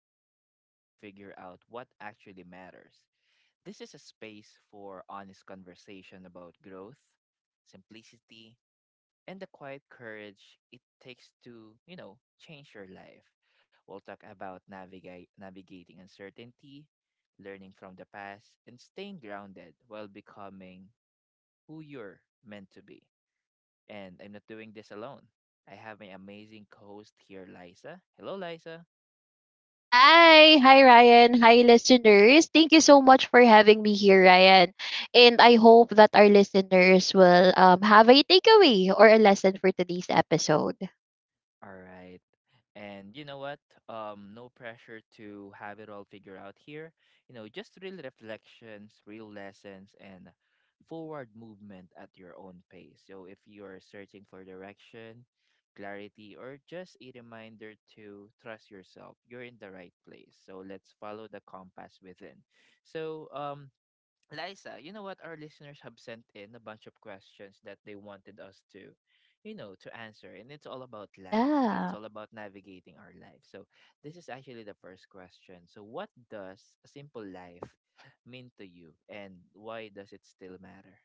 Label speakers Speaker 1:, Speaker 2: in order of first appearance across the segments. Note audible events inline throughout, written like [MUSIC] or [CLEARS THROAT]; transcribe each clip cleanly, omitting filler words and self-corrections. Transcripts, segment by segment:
Speaker 1: things down to figure out what actually matters. This is a space for honest conversation about growth, simplicity, and the quiet courage it takes to, change your life. We'll talk about navigating uncertainty, learning from the past, and staying grounded while becoming who you're meant to be. And I'm not doing this alone. I have my amazing co-host here, Liza. Hello, Liza.
Speaker 2: Hi, hi Ryan, hi listeners. Thank you so much for having me here, Ryan. And I hope that our listeners will have a takeaway or a lesson for today's episode.
Speaker 1: All right. And you know what? No pressure to have it all figured out here. Just real reflections, real lessons, and forward movement at your own pace. So if you're searching for direction, clarity, or just a reminder to trust yourself, you're in the right place. So let's follow the compass within. So Liza, you know what? Our listeners have sent in a bunch of questions that they wanted us to, to answer. And it's all about life. It's
Speaker 2: Yeah.
Speaker 1: all about navigating our life. So this is actually the first question. So what does a simple life mean to you? And why does it still matter?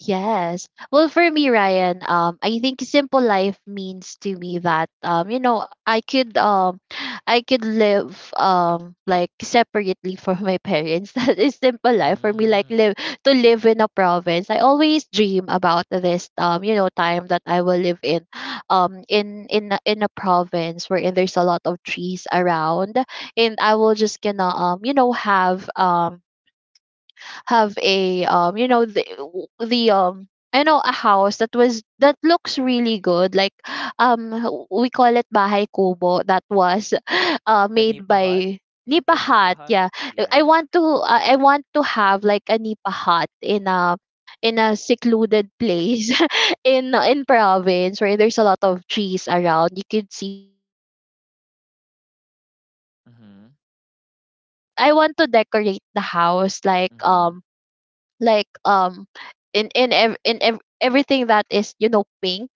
Speaker 2: Yes. Well, for me, Ryan, I think simple life means to me that I could [SIGHS] I could live like separately from my parents. [LAUGHS] That is simple life for me. Like
Speaker 1: Mm-hmm.
Speaker 2: live to live in a province. I always dream about this time that I will live in, in a province wherein there's a lot of trees around, and I will just gonna have have a you know the you know a house that was that looks really good, like um we call it bahay kubo that was [LAUGHS]
Speaker 1: The
Speaker 2: made
Speaker 1: Nipa Hut?
Speaker 2: by
Speaker 1: Is it
Speaker 2: nipa
Speaker 1: the Nipa
Speaker 2: hut,
Speaker 1: Hut?
Speaker 2: yeah.
Speaker 1: Yeah.
Speaker 2: I want to have like a nipa hut in a secluded place [LAUGHS] in province where there's a lot of trees around. You could see the beautiful nature, and that and you
Speaker 1: Mm-hmm.
Speaker 2: know I wanted it. I want to decorate the house like like um in everything that is you know pink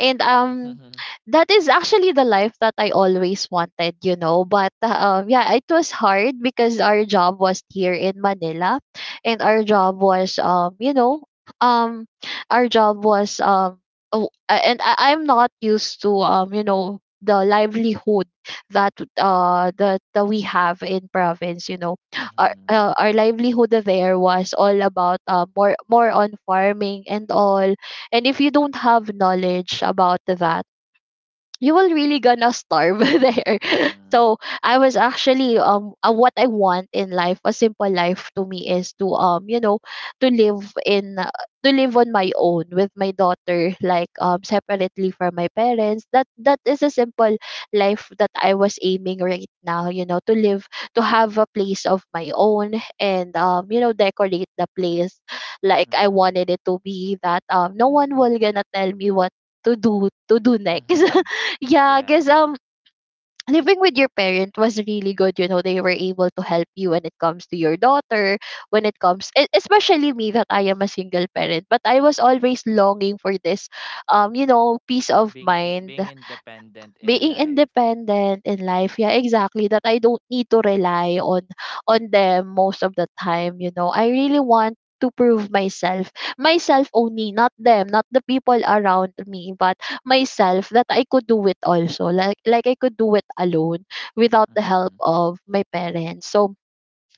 Speaker 2: and
Speaker 1: Mm-hmm. [LAUGHS]
Speaker 2: that is actually the life that I always wanted, you know. But yeah, it was hard because our job was here in Manila, and our job was um, our job was oh, I'm not used to the livelihood that we have in province, you know. Our
Speaker 1: Mm-hmm.
Speaker 2: our livelihood there was all about more on farming and all, and if you don't have knowledge about that, you will really gonna starve [LAUGHS] there.
Speaker 1: Mm-hmm.
Speaker 2: So I was actually what I want in life, a simple life to me, is to to live in to live on my own with my daughter, like separately from my parents. That is a simple life that I was aiming right now. You know, to live, to have a place of my own and decorate the place like
Speaker 1: Mm-hmm.
Speaker 2: I
Speaker 1: Mm-hmm.
Speaker 2: wanted it to be, that no one will gonna tell me what to do next. [LAUGHS]
Speaker 1: Mm-hmm.
Speaker 2: Yeah,
Speaker 1: Yeah.
Speaker 2: because living with your parent was really good. You know, they were able to help you when it comes to your daughter, when it comes, especially me, that I am a single parent. But I was always longing for this, peace of mind,
Speaker 1: Being independent in
Speaker 2: being
Speaker 1: life.
Speaker 2: independent in life, yeah, exactly. That I don't need to rely on them most of the time. You know, I really want to prove myself, myself only, not them, not the people around me, but myself, that I could do it also, like I could do it alone without the help
Speaker 1: Mhm.
Speaker 2: of my parents. So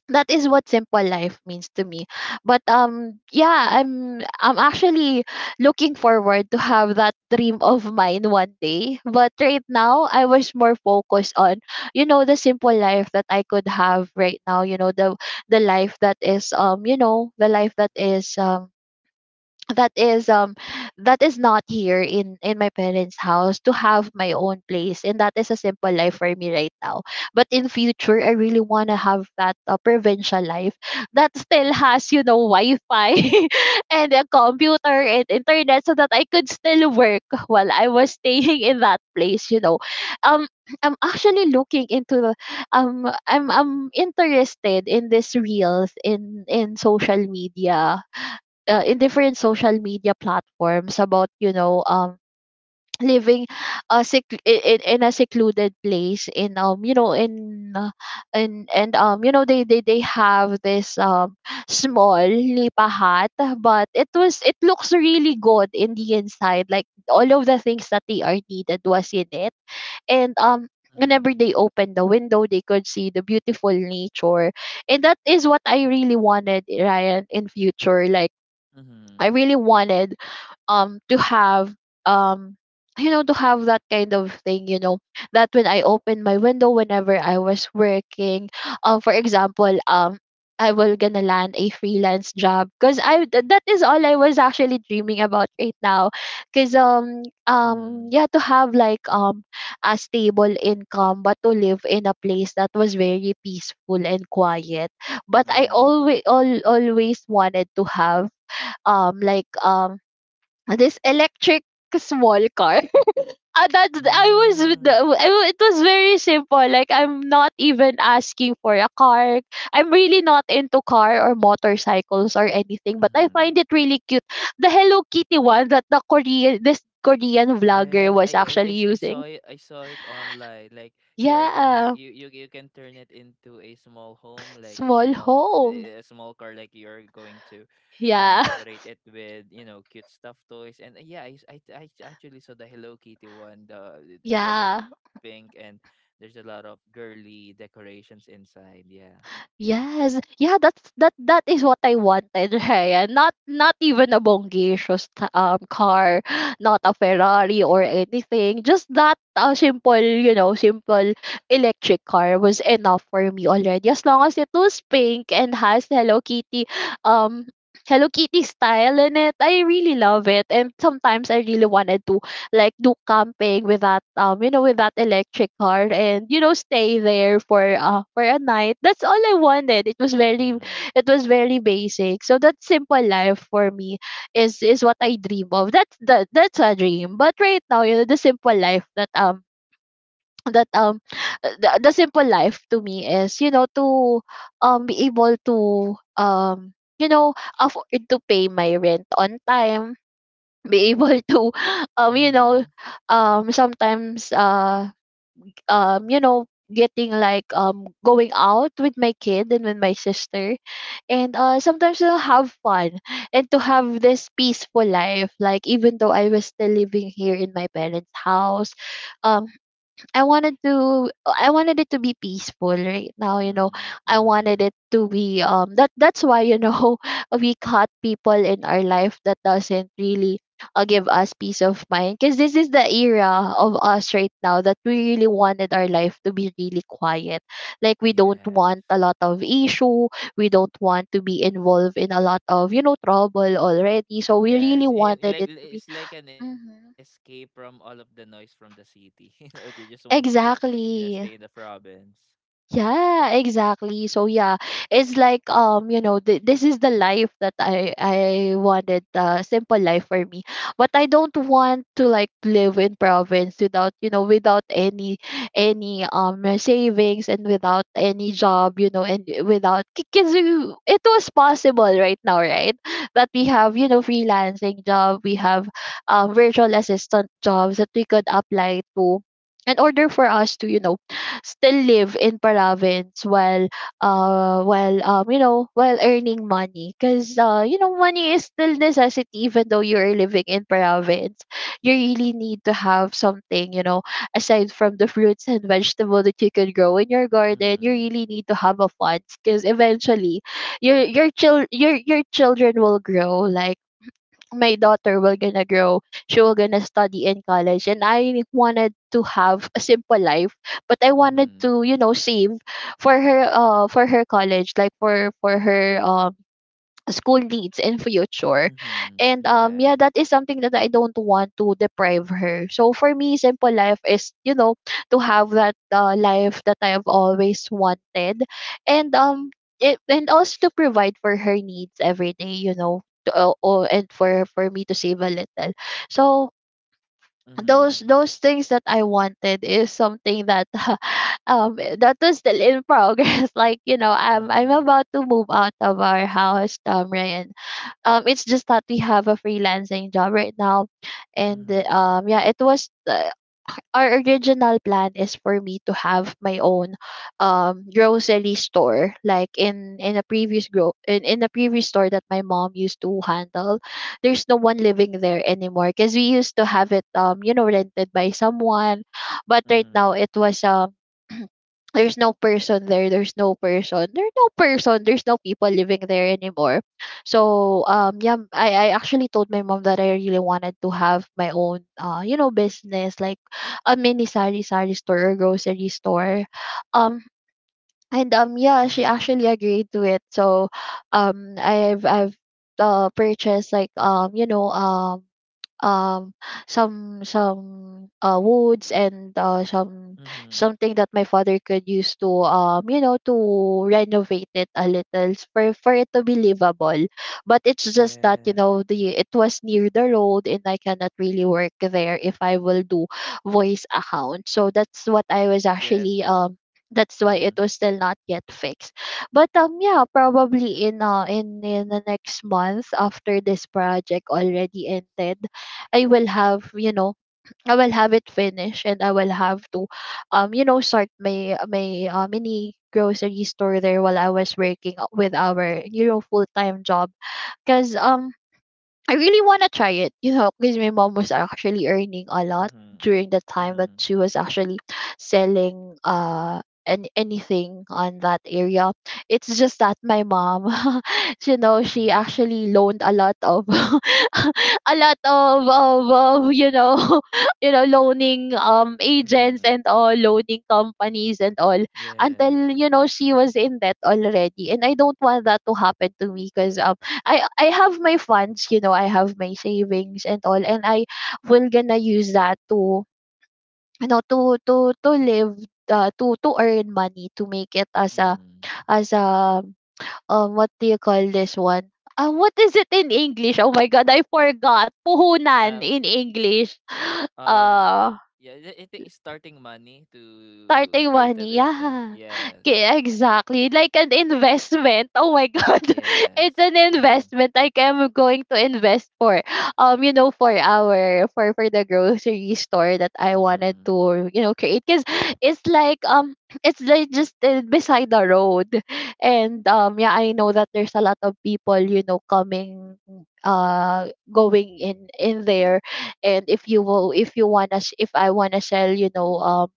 Speaker 2: that is what simple life means to me. But yeah, I'm actually looking forward to have that dream of mine one day. But right now, I was more focused on you know the simple life that I could have right now, you know, the life that is you know the life that is that is that is not here in my parents' house. To have my own place, and that is a simple life for me right now. But in future, I really want to have that provincial life that still has, you know, Wi-Fi [LAUGHS] and a computer and internet, so that I could still work while I was staying in that place, you know. um I'm actually looking into the- I'm interested in these reels in social media, in different social media platforms about, you know, [TSK] living a sec- in a secluded place in you know in and you know they have this small lipa hut, but it was, it looks really good in the inside, like all of the things that they are needed was in it. And whenever
Speaker 1: Mhm.
Speaker 2: they opened the window, they could see the beautiful nature, and that is what I really wanted, Ryan, in future. Like, I
Speaker 1: Mhm.
Speaker 2: really wanted to have um you know to have that kind of thing, you know, that when I open my window whenever I was working, for example, I will gonna land a freelance job, because that is all I was actually dreaming about right now. Because
Speaker 1: Mhm.
Speaker 2: yeah, to have like a stable income, but to live in a place that was very peaceful and quiet. But
Speaker 1: Mhm.
Speaker 2: always wanted to have um like um this electric small car. [LAUGHS] Uh, that I was with the,
Speaker 1: Mhm.
Speaker 2: I wa- it was very simple. Like, I'm not even asking for a car. I'm really not into car or motorcycles or anything, but I
Speaker 1: Mhm.
Speaker 2: find it really cute, the Hello Kitty one that the Korean vlogger
Speaker 1: Yes, I
Speaker 2: was
Speaker 1: I
Speaker 2: actually
Speaker 1: I s- I
Speaker 2: using.
Speaker 1: saw it. I saw it online. Like you're the only
Speaker 2: Yeah,
Speaker 1: you can turn it into a small home, like
Speaker 2: small home,
Speaker 1: a small car. Like you're going to,
Speaker 2: yeah.
Speaker 1: decorate it with cute stuffed toys. And yeah, I s- I t- I actually saw the Hello Kitty one. The It's color
Speaker 2: [LAUGHS] Yeah,
Speaker 1: pink, and there's a lot of girly decorations inside. Yeah.
Speaker 2: yes. Yeah, that's that is what I wanted, [LAUGHS] Rhea. Not even a bongacious car, [GASPS] not a Ferrari or anything. Just that simple, you know, simple electric car was enough for me already. As long as it was pink and has Hello Kitty um Hello Kitty style in it. I really love it. And sometimes I really wanted to like do camping with that with that electric car, and you know stay there for a night. That's all I wanted. It was very,
Speaker 1: Mm-hmm.
Speaker 2: it was very basic. So that simple life for me is what I dream of. That's that's a dream. But right now, you know, the simple life that um the simple life to me is, you know, to be able to you know afford to pay my rent on time, be able to [LAUGHS] you know
Speaker 1: Mm-hmm.
Speaker 2: sometimes you know getting like going out with my kid and with my sister, and sometimes to have fun, and to have this peaceful life, like even though I was still living here in my parents' house. um I wanted to, I wanted it to be peaceful right now, you know.
Speaker 1: Mm-hmm.
Speaker 2: I wanted
Speaker 1: Mm-hmm.
Speaker 2: it to be that, that's why, you know, [LAUGHS] we cut people in our life that doesn't really give us peace of mind, because this is the era of us right now, that we really wanted our life to be really quiet. Like, we don't want
Speaker 1: Yes.
Speaker 2: a lot of issue, we don't want to be involved in a lot of, you know, trouble already. So we really
Speaker 1: Yes, and
Speaker 2: wanted
Speaker 1: like
Speaker 2: it to be,
Speaker 1: it's like an escape
Speaker 2: mm-hmm,
Speaker 1: from all of the noise from the city. [LAUGHS] You know, you just want to, stay in the
Speaker 2: exactly.
Speaker 1: province.
Speaker 2: Yeah, exactly. So yeah, it's like this is the life that I wanted, simple life for me. But I don't want to like live in province without, you know, without any savings and without any job, you know, and without, because it was possible right now, right? That we have, you know, freelancing job, we have virtual assistant jobs that we could apply to, in order for us to, you know, still live in province while while earning money. Because you know money is still necessity even though you're living in province, you really need to have something, you know, aside from the fruits and vegetable that you can grow in your garden. You
Speaker 1: Mm-hmm.
Speaker 2: really need to have a fund, because eventually your your children will grow. Like, my daughter will gonna grow, she will gonna study in college, and I wanted to have a simple life, but I wanted
Speaker 1: Mm-hmm.
Speaker 2: to, you know, save for her, for her college, like for her school needs in future.
Speaker 1: Mm-hmm.
Speaker 2: And
Speaker 1: Yeah.
Speaker 2: yeah, that is something that I don't want to deprive her. So for me, simple life is, you know, to have that life that I have always wanted. And and also to provide for her needs every day, you know, to, and for me to save a little. So
Speaker 1: Mm-hmm.
Speaker 2: those things that I wanted is something that [LAUGHS] that is still in progress. [LAUGHS] Like, you know, I'm
Speaker 1: Mm-hmm.
Speaker 2: about to move out of our house, Ryan. It's just that we have a freelancing job right now, and
Speaker 1: Mm-hmm.
Speaker 2: yeah, it was our original plan is for me to have my own grocery store, like in a previous in a previous store that my mom used to handle. There's no one living there anymore, because we used to have it rented by someone. But right now
Speaker 1: Mm-hmm.
Speaker 2: it was there's no person there, there's no person, there's no people living there anymore. So yeah, I actually told my mom that I really wanted to have my own business, like a mini sari sari store or grocery store. um and yeah, she
Speaker 1: Mm-hmm.
Speaker 2: actually agreed to it. So I've purchased like um some woods and
Speaker 1: Mm-hmm.
Speaker 2: something that my father could use to to renovate it a little for it to be livable. But it's just that, you
Speaker 1: Yes.
Speaker 2: know, the it was near the road and I cannot really work there if I will do voice account. So that's what I was
Speaker 1: Yes.
Speaker 2: actually that's why it
Speaker 1: Mm-hmm.
Speaker 2: was still not yet fixed. But yeah, probably in in the next month, after this project already ended, I will have, I will have it finished, and I will have to start my my mini grocery store there while I was working with our, full time job. Cause I really want to try it, you know, because my mom was actually earning a lot
Speaker 1: Mm-hmm.
Speaker 2: during the time that
Speaker 1: Mm-hmm.
Speaker 2: she was actually selling an anything on that area. It's just that my mom, [LAUGHS] you know, she
Speaker 1: Mm-hmm.
Speaker 2: actually loaned a lot of [LAUGHS] a lot of you know, [LAUGHS] loaning agents
Speaker 1: Mm-hmm.
Speaker 2: and all, loaning companies and all,
Speaker 1: Yes.
Speaker 2: until, you know, she was in debt already. And I don't want that to happen to me because I have my funds, you know, I have my savings and all, and I will gonna use that to, you know, to live, to earn money, to make it as a
Speaker 1: Mm-hmm.
Speaker 2: as a what do you call this one? What is it in English? Oh my god, I forgot. Puhunan
Speaker 1: Um.
Speaker 2: in English. [GASPS] [SIGHS]
Speaker 1: Um.
Speaker 2: Uh
Speaker 1: Yeah, I think starting money to
Speaker 2: Starting
Speaker 1: create a
Speaker 2: money,
Speaker 1: business.
Speaker 2: yeah.
Speaker 1: Yes.
Speaker 2: K, exactly. Like an investment. Oh my [LAUGHS] god. It's
Speaker 1: Yes.
Speaker 2: an
Speaker 1: Mhm.
Speaker 2: investment. Like I'm going to invest for you know, for our for the grocery store that I wanted
Speaker 1: Mhm.
Speaker 2: to, you know, create. Cause it's like um it's like just beside the road. And yeah, I know that there's a lot of people, you know, coming going in there. And if you will if I wanna sell, you know,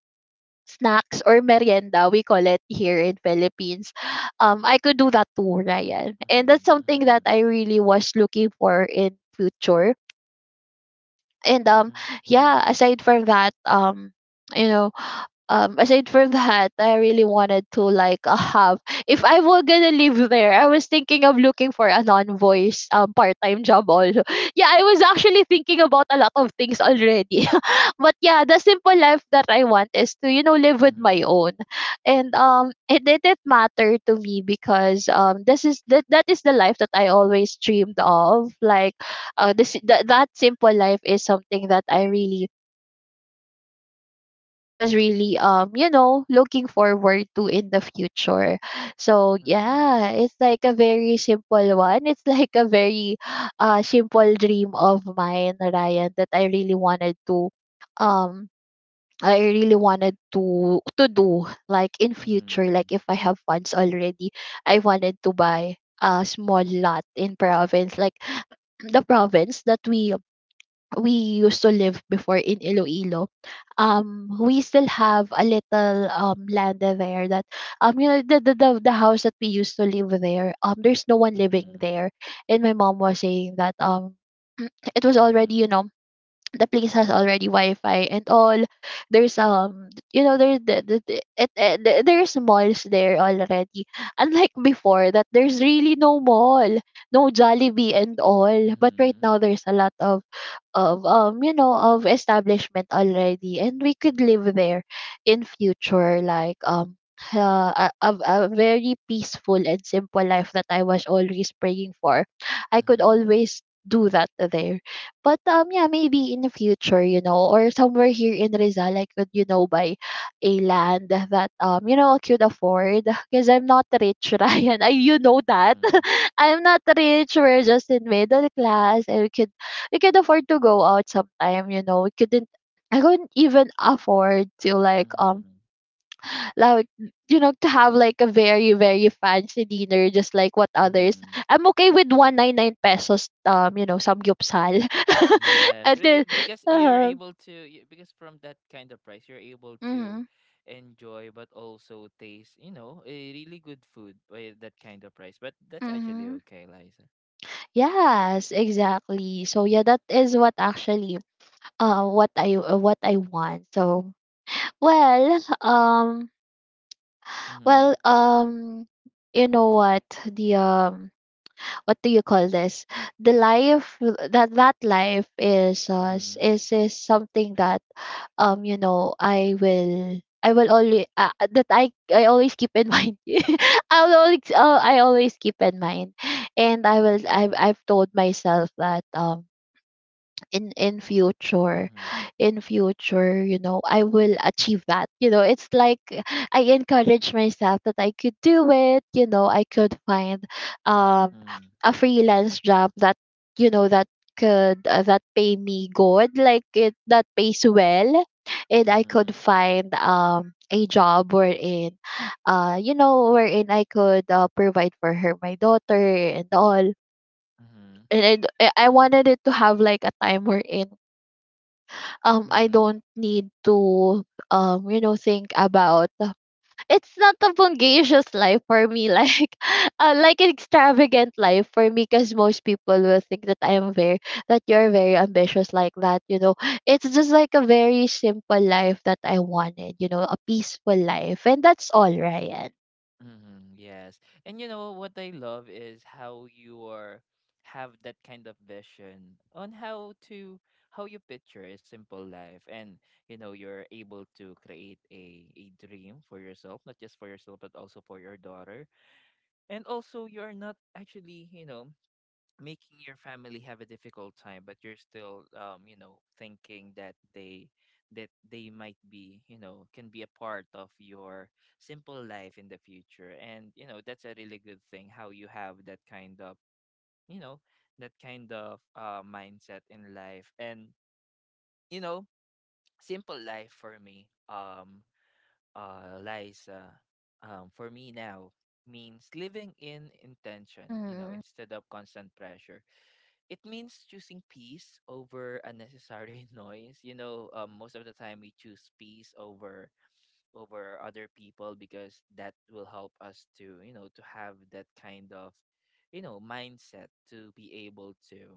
Speaker 2: snacks or merienda, we call it here in Philippines. I could do that too, Ryan, and that's
Speaker 1: Mhm.
Speaker 2: something that I really was looking for in future. And
Speaker 1: Mhm.
Speaker 2: yeah, aside from that, you know aside from that, I really wanted to like, have, if I were gonna live there, I was thinking of looking for a non-voice part-time job also. [LAUGHS] Yeah, I was actually thinking about a lot of things already. [LAUGHS] But yeah, the simple life that I want is to, you know, live with my own. And it didn't matter to me because this is that that is the life that I always dreamed of. Like this that simple life is something that I really, I was
Speaker 1: Mhm.
Speaker 2: really you know, looking forward to in the future. So
Speaker 1: Mhm.
Speaker 2: yeah, it's like a very simple one. It's [LAUGHS] like a very simple dream of mine, Ryan, that I really wanted to um I really wanted to do, like in future, like if I have funds already, I wanted to buy a small lot in province, like the province that we we used to live before in Iloilo. We still have a little land there that, you know, the house that we used to live there, there's no one living
Speaker 1: Mhm.
Speaker 2: there. And my mom was saying that [CLEARS THROAT] it was already,
Speaker 1: Mhm.
Speaker 2: you know, the place has already Wi-Fi and all. There's, you know, there there's malls there already. Unlike before, that there's really no mall, no Jollibee and all. But right
Speaker 1: Mhm.
Speaker 2: now there's a lot of you know, of establishment already, and we could live there in future like a, a very peaceful and simple life that I was always praying for. I could
Speaker 1: Mhm.
Speaker 2: always do that there. But yeah, maybe in the future, you know, or somewhere here in Rizal, I could, you know, buy a land that, you know, I could afford. Because I'm not rich, [LAUGHS] Ryan. I you know
Speaker 1: Mhm. Mhm.
Speaker 2: that.
Speaker 1: Mhm.
Speaker 2: [LAUGHS] I'm not rich. We're just in middle class, and we could afford to go out sometime, you know. We couldn't I couldn't even afford to like
Speaker 1: Mhm.
Speaker 2: like to have like a very, very fancy dinner just like what others.
Speaker 1: Mhm.
Speaker 2: I'm okay with
Speaker 1: Mhm.
Speaker 2: 199 pesos you know, samgyupsal. [LAUGHS]
Speaker 1: Yes,
Speaker 2: And then
Speaker 1: because you're
Speaker 2: uh,
Speaker 1: able to, because from that kind of price, you're able to
Speaker 2: mhm.
Speaker 1: enjoy but also taste, a really good food by that kind of price. But that's actually
Speaker 2: Mm-hmm.
Speaker 1: okay, Liza.
Speaker 2: Yes, exactly. So yeah, that is what actually what I want. So well, [LAUGHS]
Speaker 1: Mm-hmm.
Speaker 2: well, you know what, the what do you call this, the life, that life is,
Speaker 1: Mm-hmm.
Speaker 2: is something that, you know, I will only, that I always keep in mind, [LAUGHS] I will always, I always keep in mind, and
Speaker 1: Mm-hmm.
Speaker 2: I've told myself that in future,
Speaker 1: Mm-hmm.
Speaker 2: in future, you know, I will achieve that. You know, it's like I encourage myself that I could do it. You know, I could find um
Speaker 1: Mm-hmm.
Speaker 2: a freelance job that, you know, that could, that pay me good, like it that pays well. And I could
Speaker 1: Mm-hmm.
Speaker 2: find a job wherein you know, wherein I could, provide for her, my daughter, and all.
Speaker 1: Mm-hmm.
Speaker 2: And I wanted it to have like a time wherein I
Speaker 1: Mm-hmm.
Speaker 2: don't need to you know, think about, it's not a bungacious life for me, [LAUGHS] like an extravagant life for me, because most people will think that I am very that you're very ambitious, like that, you know. It's just like a very simple life that I wanted, you know, a peaceful life, and that's all, Ryan.
Speaker 1: Hmm, yes. And you know what I love is how you are have that kind of vision on how you picture a simple life. And you know, you're able to create a dream for yourself, not just for yourself but also for your daughter. And also you're not actually, you know, making your family have a difficult time, but you're still, you know, thinking that they, might be, you know, can be a part of your simple life in the future. And you know, that's a really good thing how you have that kind of, you know, that kind of mindset in life. And you know, simple life for me, Liza, for me now means living in intention, you know,
Speaker 2: Mm-hmm.
Speaker 1: instead of constant pressure. It means choosing peace over unnecessary [LAUGHS] noise. You know, most of the time we choose peace over other people, because that will help us to, you know, to have that kind of, you know, mindset to be able to,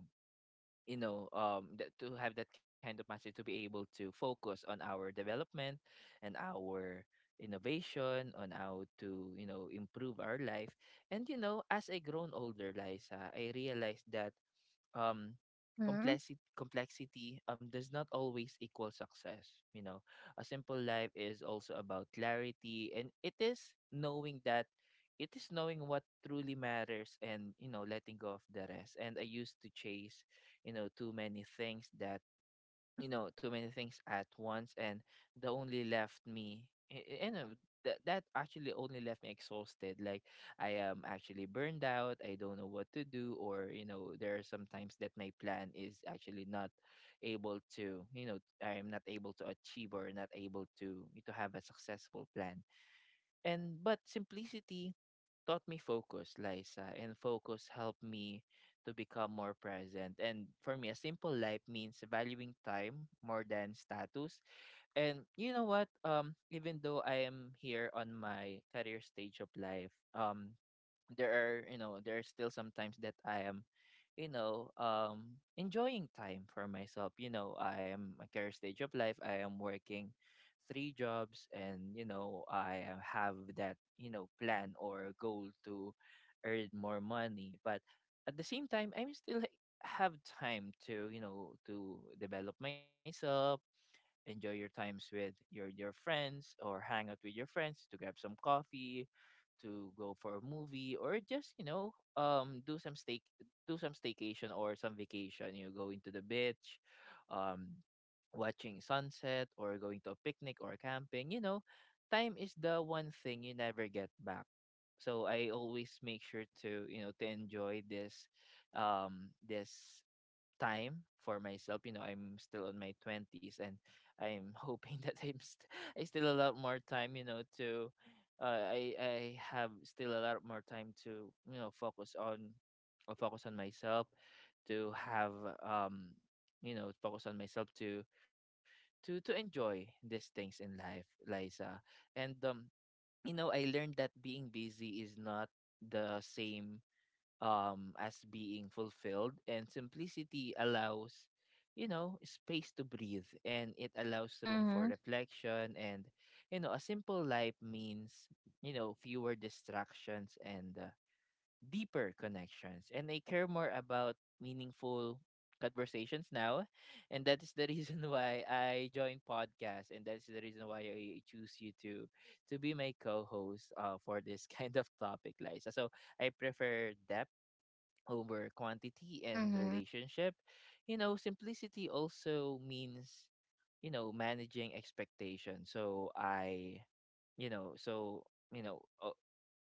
Speaker 1: you know, to have that kind of mindset to be able to focus on our development and our innovation on how to, you know, improve our life. And you know, as I grown older, Liza, I realized that um
Speaker 2: Mm-hmm.
Speaker 1: complexity does not always equal success. You know, a simple life is also about clarity, and it is knowing that, it is knowing what truly matters, and you know, letting go of the rest. And I used to chase, you know, too many things that, you know, too many things at once. And the only left me, you know, that actually only left me exhausted. Like, I am actually burned out. I don't know what to do, or you know, there are sometimes that my plan is actually not able to, you know, I'm not able to achieve or not able to have a successful plan. And but simplicity taught me focus, Liza, and focus helped me to become more present. And for me, a simple life means valuing time more than status. And you know what? Even though I am here on my career stage of life, there are still sometimes that I am, you know, enjoying time for myself. You know, I am a career stage of life. I am working three jobs, and you know, have that, you know, plan or goal to earn more money. But at the same time, I'm still have time to, you know, to develop myself. Enjoy your times with your friends or hang out with your friends to grab some coffee, to go for a movie, or just, you know, do some staycation or some vacation. You go into the beach, um watching sunset, or going to a picnic or camping. You know, time is the one thing you never get back, so I always make sure to, you know, to enjoy this, um this time for myself. You know, I'm still on my 20s, and I'm hoping [LAUGHS] that I still a lot more time, you know, to, I have still a lot more time to, you know, focus on, myself, to have, um you know, focus on myself to to enjoy these things in life, Liza. And you know, I learned that being busy is not the same as being fulfilled, and simplicity allows, you know, space to breathe, and it allows room for
Speaker 2: Mm-hmm.
Speaker 1: reflection. And you know, a simple life means, you know, fewer distractions, and deeper connections. And I care more about meaningful conversations now, and that is the [LAUGHS] reason why I joined podcast, and that's the reason why I choose you to be my co-host, for this [LAUGHS] kind of topic, Liza. So I prefer depth over quantity and
Speaker 2: Mm-hmm.
Speaker 1: relationship. You know, simplicity also means, you know, managing expectations. So I, you know, so, you know, uh,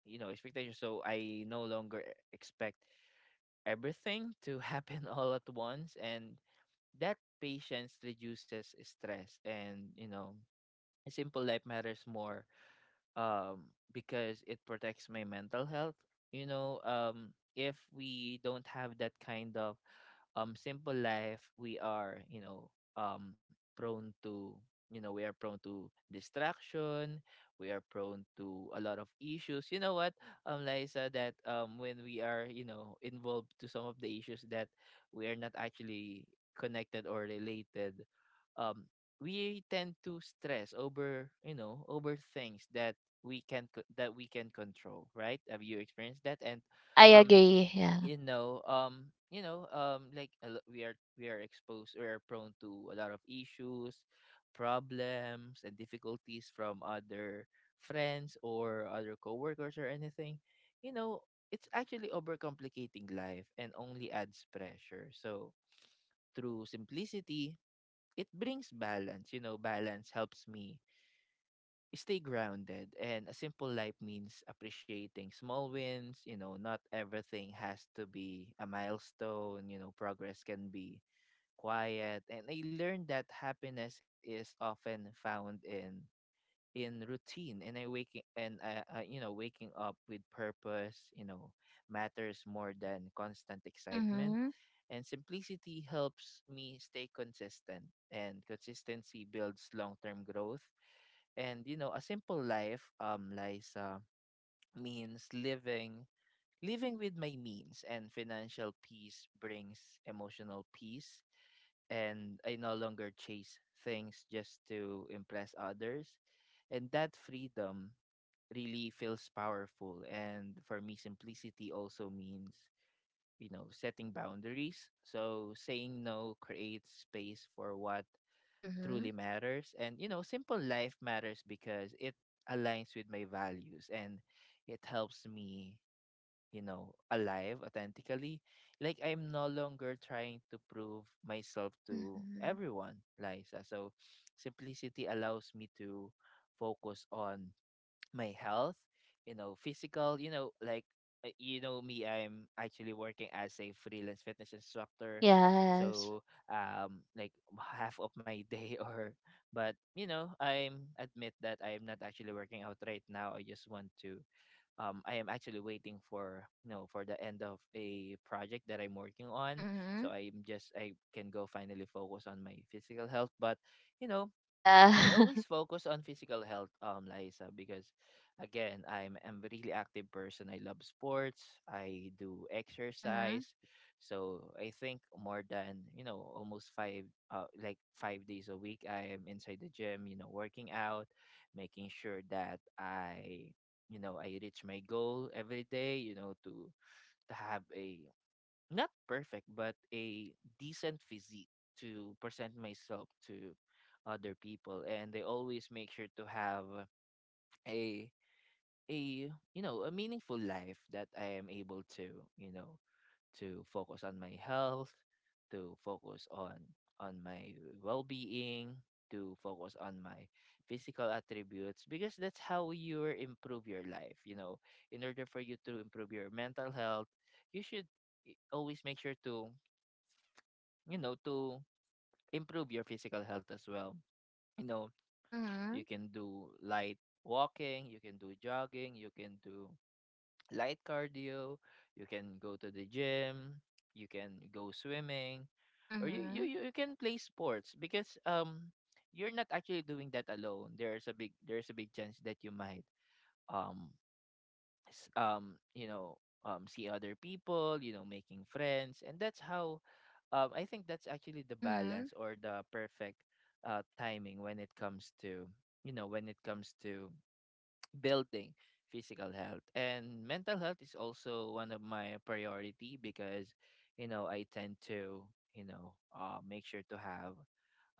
Speaker 1: you know, expectations. So I no longer expect everything to happen [LAUGHS] all at once. And that patience reduces stress, and you know, simple life matters more um because it protects my mental health. You know, if we don't have that kind of, simple life, we are, you know, um prone to, you know, we are prone to distraction. We are prone to a lot of issues, you know what, Liza, that, when we are, you know, involved to some of the issues that we are not actually connected or related, um we tend to stress over, you know, over things that we can that we can control, right? Have you experienced that? And
Speaker 2: I
Speaker 1: um
Speaker 2: agree, yeah.
Speaker 1: like, we are exposed. We are prone to a lot of issues, problems, and difficulties from other friends or other coworkers or anything. You know, it's actually overcomplicating life and only adds pressure. So through simplicity, it brings balance. You know, balance helps me stay grounded. And a simple life means appreciating small wins. You know, not everything has to be a milestone. You know, progress can be quiet. And I learned that happiness is often found in routine, and I, you know, waking up with purpose, you know, matters more than constant excitement.
Speaker 2: Mm-hmm.
Speaker 1: And simplicity helps me stay consistent, and consistency builds long term growth. And you know, a simple life, Liza, means living with my means, and financial peace brings emotional peace. And I no longer chase things just to impress others, and that freedom really feels powerful. And for me, simplicity also means, you know, setting boundaries. So saying no creates space for what
Speaker 2: Mm-hmm.
Speaker 1: truly matters. And you know, simple life matters because it aligns with my values, and it helps me, you know, alive authentically. Like, I'm no longer trying to prove myself to
Speaker 2: Mm-hmm.
Speaker 1: everyone, Liza. So simplicity allows me to focus on my health, you know, physical, you know, like, you know me, I'm actually working as a freelance fitness instructor.
Speaker 2: Yes.
Speaker 1: So, like half of my day [LAUGHS] or, but you know, I'm admit that I am not actually working out right now. I just want to I am actually waiting for, for the end of a project that I'm working on.
Speaker 2: Mm-hmm.
Speaker 1: So I can go finally focus on my physical health. But you know,
Speaker 2: Yeah.
Speaker 1: I always
Speaker 2: [LAUGHS]
Speaker 1: focus on physical health, Liza, because again, I'm a really active person. I love sports. I do
Speaker 2: Mhm.
Speaker 1: exercise, so I think more than, you know, almost five, like 5 days a week, I am inside the gym. You know, working out, making sure that I reach my goal every day. You know, to have a not perfect, but a decent physique to present myself to other people. And I always make sure to have a a you know a meaningful life that I am able to you know to focus on my health, to focus on my well-being, to focus on my physical attributes because that's how you improve your life. You know, in order for you to improve your mental health, you should always make sure to improve your physical health as well. You know, you
Speaker 2: Mhm.
Speaker 1: can do light walking, you can do jogging, you can do light cardio, you can go to the gym, you can go swimming, or you you
Speaker 2: Mhm.
Speaker 1: you you can play sports because you're not actually doing that alone. There's a big chance that you might um s- um you know see other people, making friends. And that's how, I think, that's actually the
Speaker 2: Mhm.
Speaker 1: balance or the perfect timing when it comes to, you know when it comes to building physical health. And mental health is also one of my priority because, I tend to, make sure to have,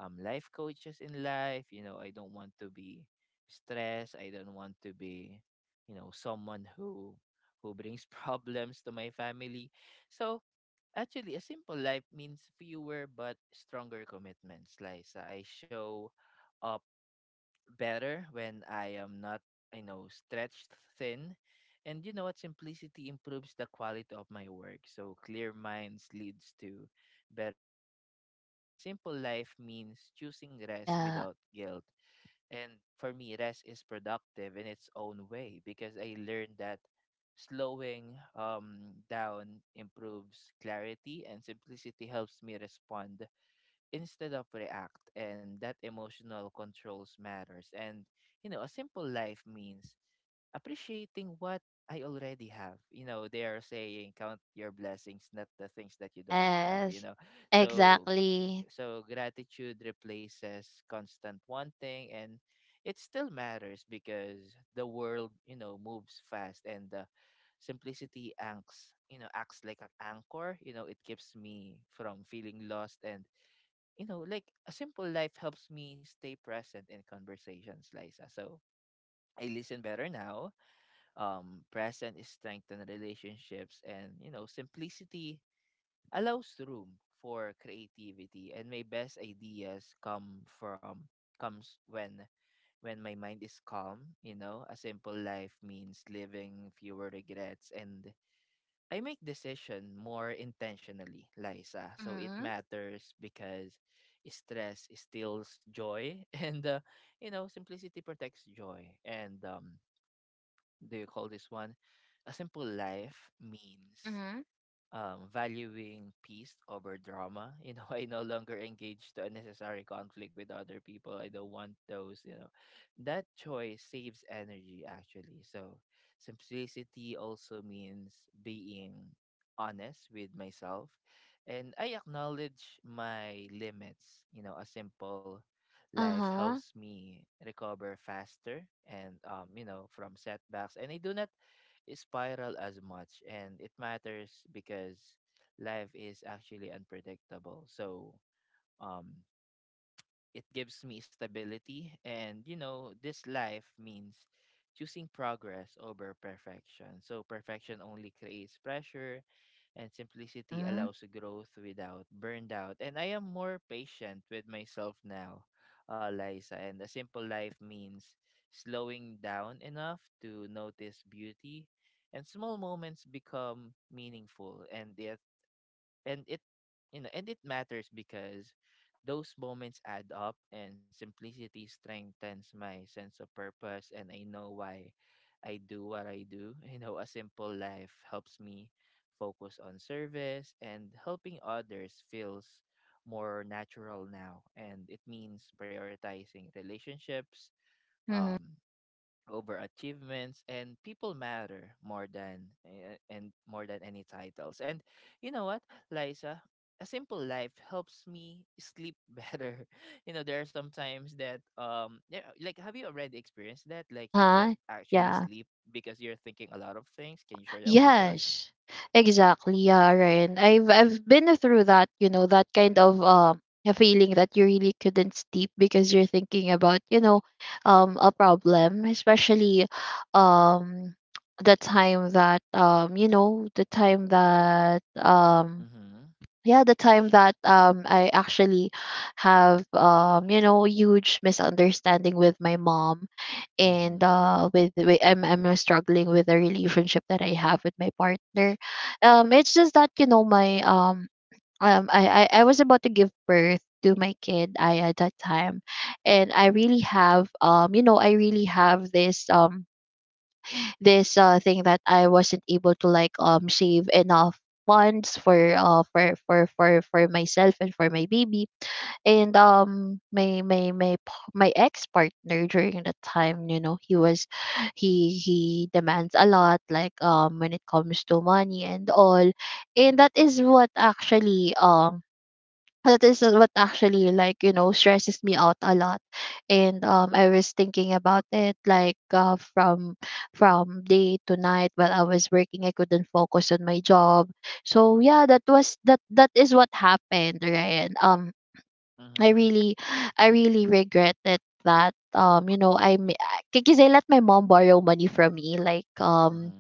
Speaker 1: life coaches in life. You know, I don't want to be stressed. I don't want to be someone who brings [LAUGHS] problems to my family. So actually, a simple life means fewer but stronger commitments, like I show up better when I am not, stretched thin. And you know what? Simplicity improves the quality of my work. So clear minds leads to better decisions. And a simple life means choosing rest
Speaker 2: Yeah.
Speaker 1: without guilt. And for me, rest is productive in its own way, because I learned that slowing down improves clarity, and simplicity helps me respond instead of react, and that emotional controls matters. And a simple life means appreciating what I already have. You know, they are saying count your blessings, not the things that you don't have, you
Speaker 2: Yes.
Speaker 1: know. So
Speaker 2: Exactly.
Speaker 1: so gratitude replaces constant wanting, and it still matters because the world, you know, moves fast. And the simplicity anchors, you know, acts like an anchor. You know, it keeps me from feeling lost. And like, a simple life helps me stay present in conversations, Liza. So I listen better now. Present is strengthen relationships, and you know, simplicity allows room for creativity. And my best ideas comes when my mind is calm. You know, a simple life means living fewer regrets, and I make decision more intentionally, Liza. So it
Speaker 2: Mhm.
Speaker 1: matters because stress steals joy, [LAUGHS] and simplicity protects joy. And do you call this one, a simple life means,
Speaker 2: Mhm.
Speaker 1: valuing peace over drama. You know, [LAUGHS] I no longer engage to unnecessary conflict with other people. I don't want those, you know. That choice saves energy, actually. So, simplicity also means being honest with myself. And I acknowledge my limits. You know, a simple life
Speaker 2: Uh-huh.
Speaker 1: helps me recover faster, and from setbacks, and I do not spiral as much. And it matters because life is actually unpredictable. So um it gives me stability. And you know, this life means choosing progress over perfection. So perfection only creates pressure, and simplicity
Speaker 2: Mhm.
Speaker 1: allows growth without burnout. And I am more patient with myself now, Liza. And a simple life means slowing down enough to notice beauty, and small moments become meaningful. And the and it you know and it matters because those moments add up. And simplicity strengthens my sense of purpose, and I know why I do what I do. You know, a simple life helps me focus on service, and helping others feels more natural now. And it
Speaker 2: Mhm.
Speaker 1: means
Speaker 2: Mhm.
Speaker 1: prioritizing relationships,
Speaker 2: Mhm.
Speaker 1: um over achievements, and people matter more than eh, and more than any titles. And you know what, Liza, a simple life helps me sleep [LAUGHS] better. You know, there are some times that, yeah, like, have you already experienced that, like you can't
Speaker 2: Uh-huh.
Speaker 1: actually
Speaker 2: Yeah.
Speaker 1: sleep because you're thinking a lot of things? Can you share that one to us?
Speaker 2: Yes, exactly. Yeah, Ryan. I've been through that, you know, that kind of, a feeling that you really couldn't sleep because you're thinking about, you know, a problem, especially um the time that
Speaker 1: Mm-hmm.
Speaker 2: yeah, the time that I actually have, you know, huge misunderstanding with my mom, and
Speaker 1: Mm-hmm.
Speaker 2: with, I'm, struggling with the relationship that I have with my partner. It's just that, you know, my I was about to give birth to my kid I at that time, and I really have, you know, I really have this thing that I wasn't able to like save enough funds for for myself and for my baby. And my ex partner during that time, you know, he demands a lot, like when it comes to money and all. And that is what actually that is what actually, like, you know, stresses me out a lot. And I was thinking about it, like, from day to night while I was working, I couldn't focus on my job. So yeah, that was that, that is what happened, right? I
Speaker 1: Mm-hmm.
Speaker 2: really, I really regretted that, you know, I because I let my mom borrow money from me, like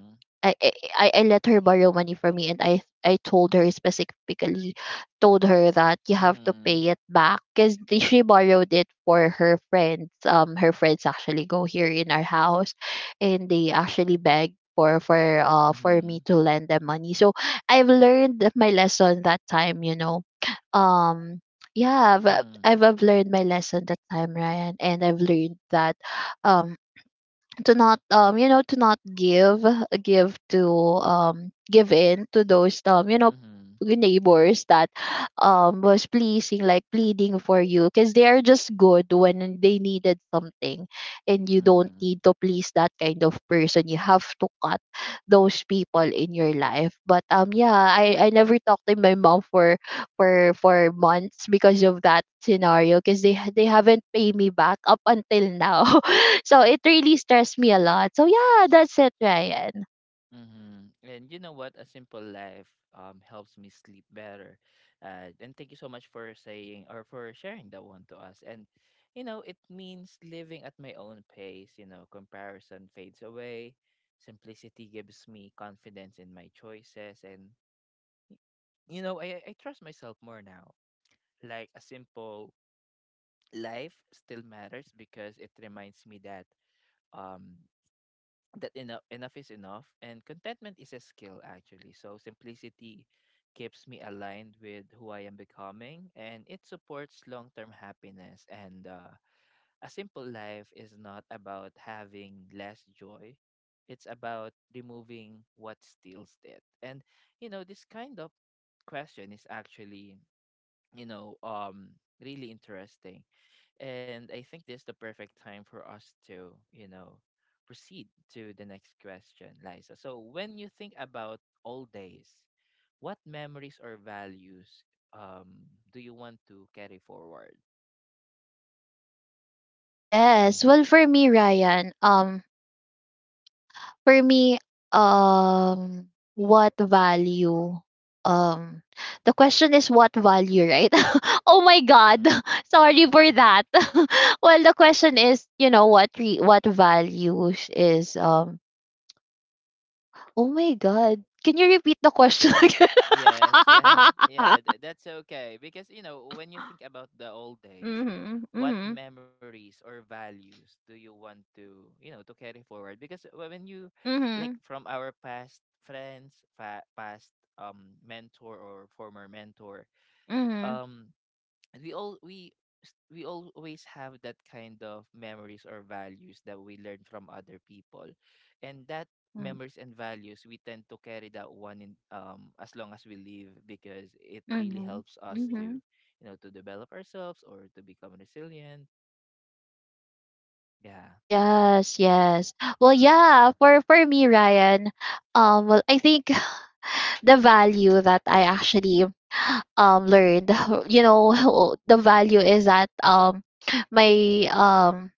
Speaker 2: I let her borrow money from me, and I told her specifically, told her that you have to
Speaker 1: Mm-hmm.
Speaker 2: pay it back because she borrowed it for her friends. Her friends actually go here in our house, and they actually beg for, for
Speaker 1: Mm-hmm.
Speaker 2: me to lend them money. So I've learned my lesson that time. You know, um. Yeah, I've,
Speaker 1: Mm-hmm.
Speaker 2: I've I've learned my lesson that time, Ryan, and I've learned that um to not you know to not give give to give in to those
Speaker 1: Mm-hmm.
Speaker 2: neighbors that was pleasing like pleading for you because they are just good when they needed something. And you don't
Speaker 1: Mm-hmm.
Speaker 2: need to please that kind of person. You have to cut those people in your life. But I never talked to my mom for for months because of that scenario because they haven't paid me back up until now. [LAUGHS] So it really stressed me a lot. So yeah, that's it, Ryan.
Speaker 1: Mhm. And you know what? A simple life helps me sleep better. And thank you so much for saying or for sharing that one to us. And you know, it means living at my own pace. You know, comparison fades away. Simplicity gives me confidence in my choices, and y- I trust myself more now. Like, a simple life still matters because it reminds me that, um enough is enough, and contentment is a skill actually. So simplicity keeps me aligned with who I am becoming, and it supports long-term happiness. And a simple life is not about having less joy, it's about removing what steals it. And you know, this kind of question is actually, you know um really interesting. And I think this is the perfect time for us to, proceed to the next question, Liza. So when you think about old days, what memories or values, um do you want to carry forward?
Speaker 2: Yes.
Speaker 1: Mm-hmm.
Speaker 2: Well, for me, Ryan, for me, um, what value? Um, the question is what value, right? [LAUGHS] Oh my God,
Speaker 1: Mm-hmm.
Speaker 2: [LAUGHS] sorry for
Speaker 1: Mm-hmm.
Speaker 2: that. [LAUGHS] Well, the question is, you know, what values is? Oh my God, can you repeat the question [LAUGHS] again?
Speaker 1: Yes, yeah, [LAUGHS] yeah,
Speaker 2: [LAUGHS]
Speaker 1: that's okay. Because, you know, when you think about the old days,
Speaker 2: Mhm,
Speaker 1: what
Speaker 2: mhm,
Speaker 1: memories or values do you want to, you know, to carry forward? Because when you, like,
Speaker 2: mhm,
Speaker 1: from our past friends, fa past mentor or former mentor, um, and we all we s- we always have that kind of memories or values that we learn from other people. And that
Speaker 2: mhm.
Speaker 1: memories and values, we tend to carry that one in, as long as we live, because it really
Speaker 2: Mm-hmm.
Speaker 1: helps us to,
Speaker 2: Mm-hmm.
Speaker 1: to develop ourselves or to become resilient. Yeah.
Speaker 2: Yes, yes. Well, yeah, for me, Ryan, well, I think [LAUGHS] [SIGHS] the value that I actually learned, [LAUGHS] you know, [LAUGHS] the value is that my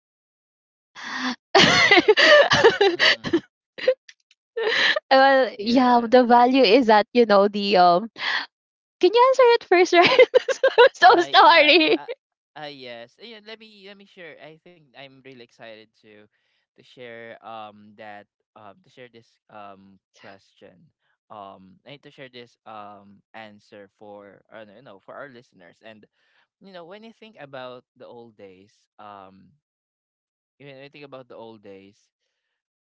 Speaker 1: Mm-hmm.
Speaker 2: [LAUGHS] Well, yeah,
Speaker 1: Yes.
Speaker 2: the value is that, you know, the can you answer it first, Ryan? [LAUGHS] So, so
Speaker 1: I
Speaker 2: sorry.
Speaker 1: Yes. Yeah, let me share. I think I'm really excited to share that to share this question, and to share this answer for, for our listeners. And you know, when you think about the old days, when you think about the old days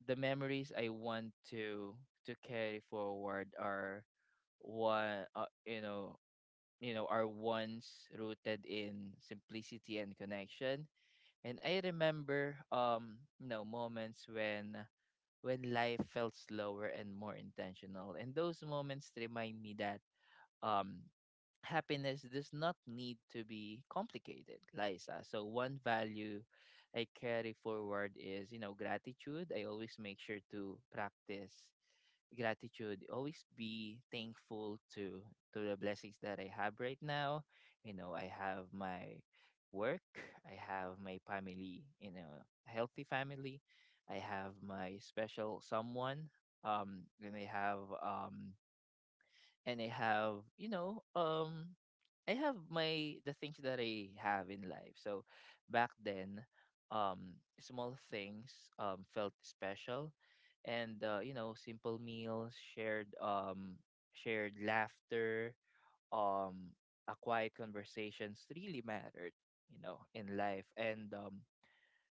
Speaker 1: the memories I want to carry forward are one, are once rooted in simplicity and connection. And I remember moments when life felt slower and more intentional. And those moments remind me that um happiness does not need to be complicated, Liza. So one value I carry forward is, you know, gratitude. I always make sure to practice gratitude, always be thankful to the blessings that I have right now. You know, I have my work, I have my family, you know, healthy family. I have my special someone, um and i have um and I have you know I have my the things that I have in life. So back then, small things felt special. And you know, simple meals, shared shared laughter, um, a quiet conversations really mattered, you know, in life. And um,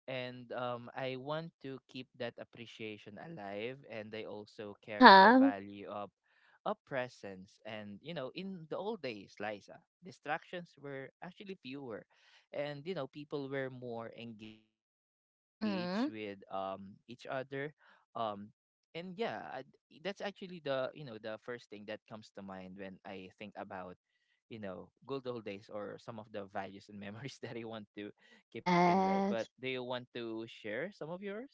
Speaker 1: and um, I want to keep that appreciation alive, and I also carry the
Speaker 2: Uh-huh.
Speaker 1: value of presence. And you know, in the old days, Liza, distractions were actually fewer, and you know, people were more engaged with
Speaker 2: Mm-hmm.
Speaker 1: each other. um. And yeah, that's actually the you know the first thing that comes to mind when I think about, good old days, or some of the values and memories [LAUGHS] that you want to keep in life. But do
Speaker 2: Yes.
Speaker 1: you want to share some of yours?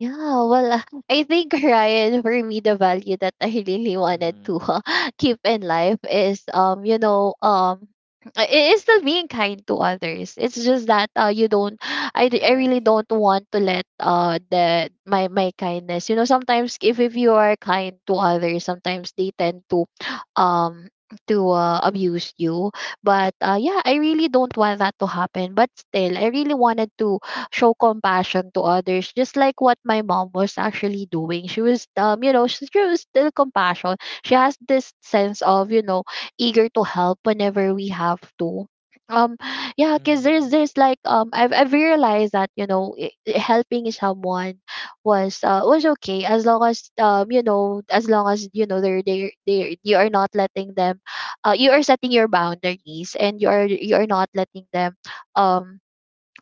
Speaker 2: Yeah, well, [LAUGHS] I think, Ryan, for me, the value that I really wanted
Speaker 1: Mm-hmm.
Speaker 2: to [LAUGHS] keep in life is, it is still being kind to others. It's just that you don't, [SIGHS] I really
Speaker 1: Yes.
Speaker 2: don't want to let the my kindness. You know, sometimes if you are kind to others, sometimes they tend to, [SNIFFS] um, to abuse you. But yeah, I really don't want that to happen. But still, I really wanted to show compassion to others, just like what my mom was actually doing. She was, you know, she was still compassion. She has this sense of, you know, eager to help whenever we have to. Um, yeah, cause
Speaker 1: Mm-hmm.
Speaker 2: there's like I've realized that you know helping someone was okay as long as you know as long as you know they're they you are not letting them you are setting your boundaries and you are not letting them um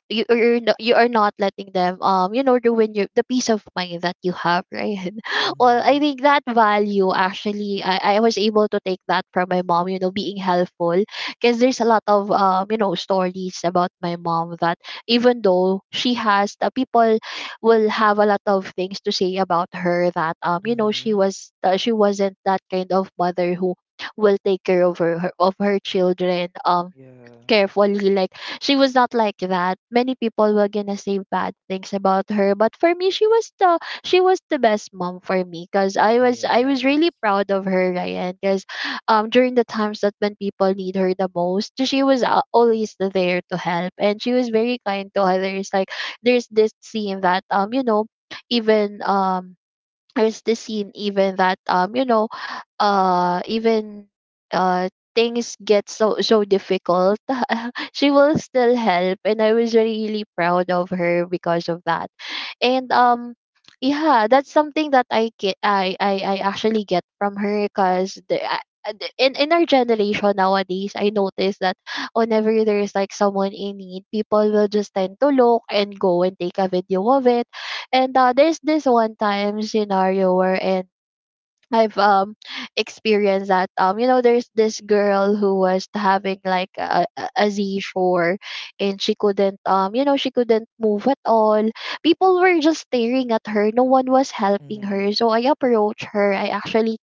Speaker 2: you are not letting them you know ruin your the peace of mind that you have, right? [LAUGHS] Well,
Speaker 1: Mm-hmm.
Speaker 2: I think that value actually I was able to take that from my mom, you know, being helpful, because there's a lot of you know stories about my mom that even though she has the people will have a lot of things to say about her that you know she
Speaker 1: Mm-hmm.
Speaker 2: was she wasn't that kind of mother who will take care of her children
Speaker 1: Yeah.
Speaker 2: carefully. Like she was not like that. Many people were gonna say bad things about her, but for me, she was the best mom for me because I was really
Speaker 1: Yes.
Speaker 2: proud of her, Ryan. Because during the times that when people need her the most, she was always there to help, and she was very kind to others. Like there's this scene that you know even there's the scene even that you know even uh things get so so difficult [LAUGHS] she will still help, and I was really proud of her because of that. And yeah, that's something that I actually get from her because the I- the- in our generation nowadays I notice that whenever there is like someone in need, people will just tend to look and go and take a video of it. And there's this one time scenario wherein I've [SNIFFS] experienced that you know there's this girl who was having like a seizure, and she couldn't you know she couldn't move at all. People were just staring at her. No one was helping
Speaker 1: Mm-hmm.
Speaker 2: her. So I approached her. I actually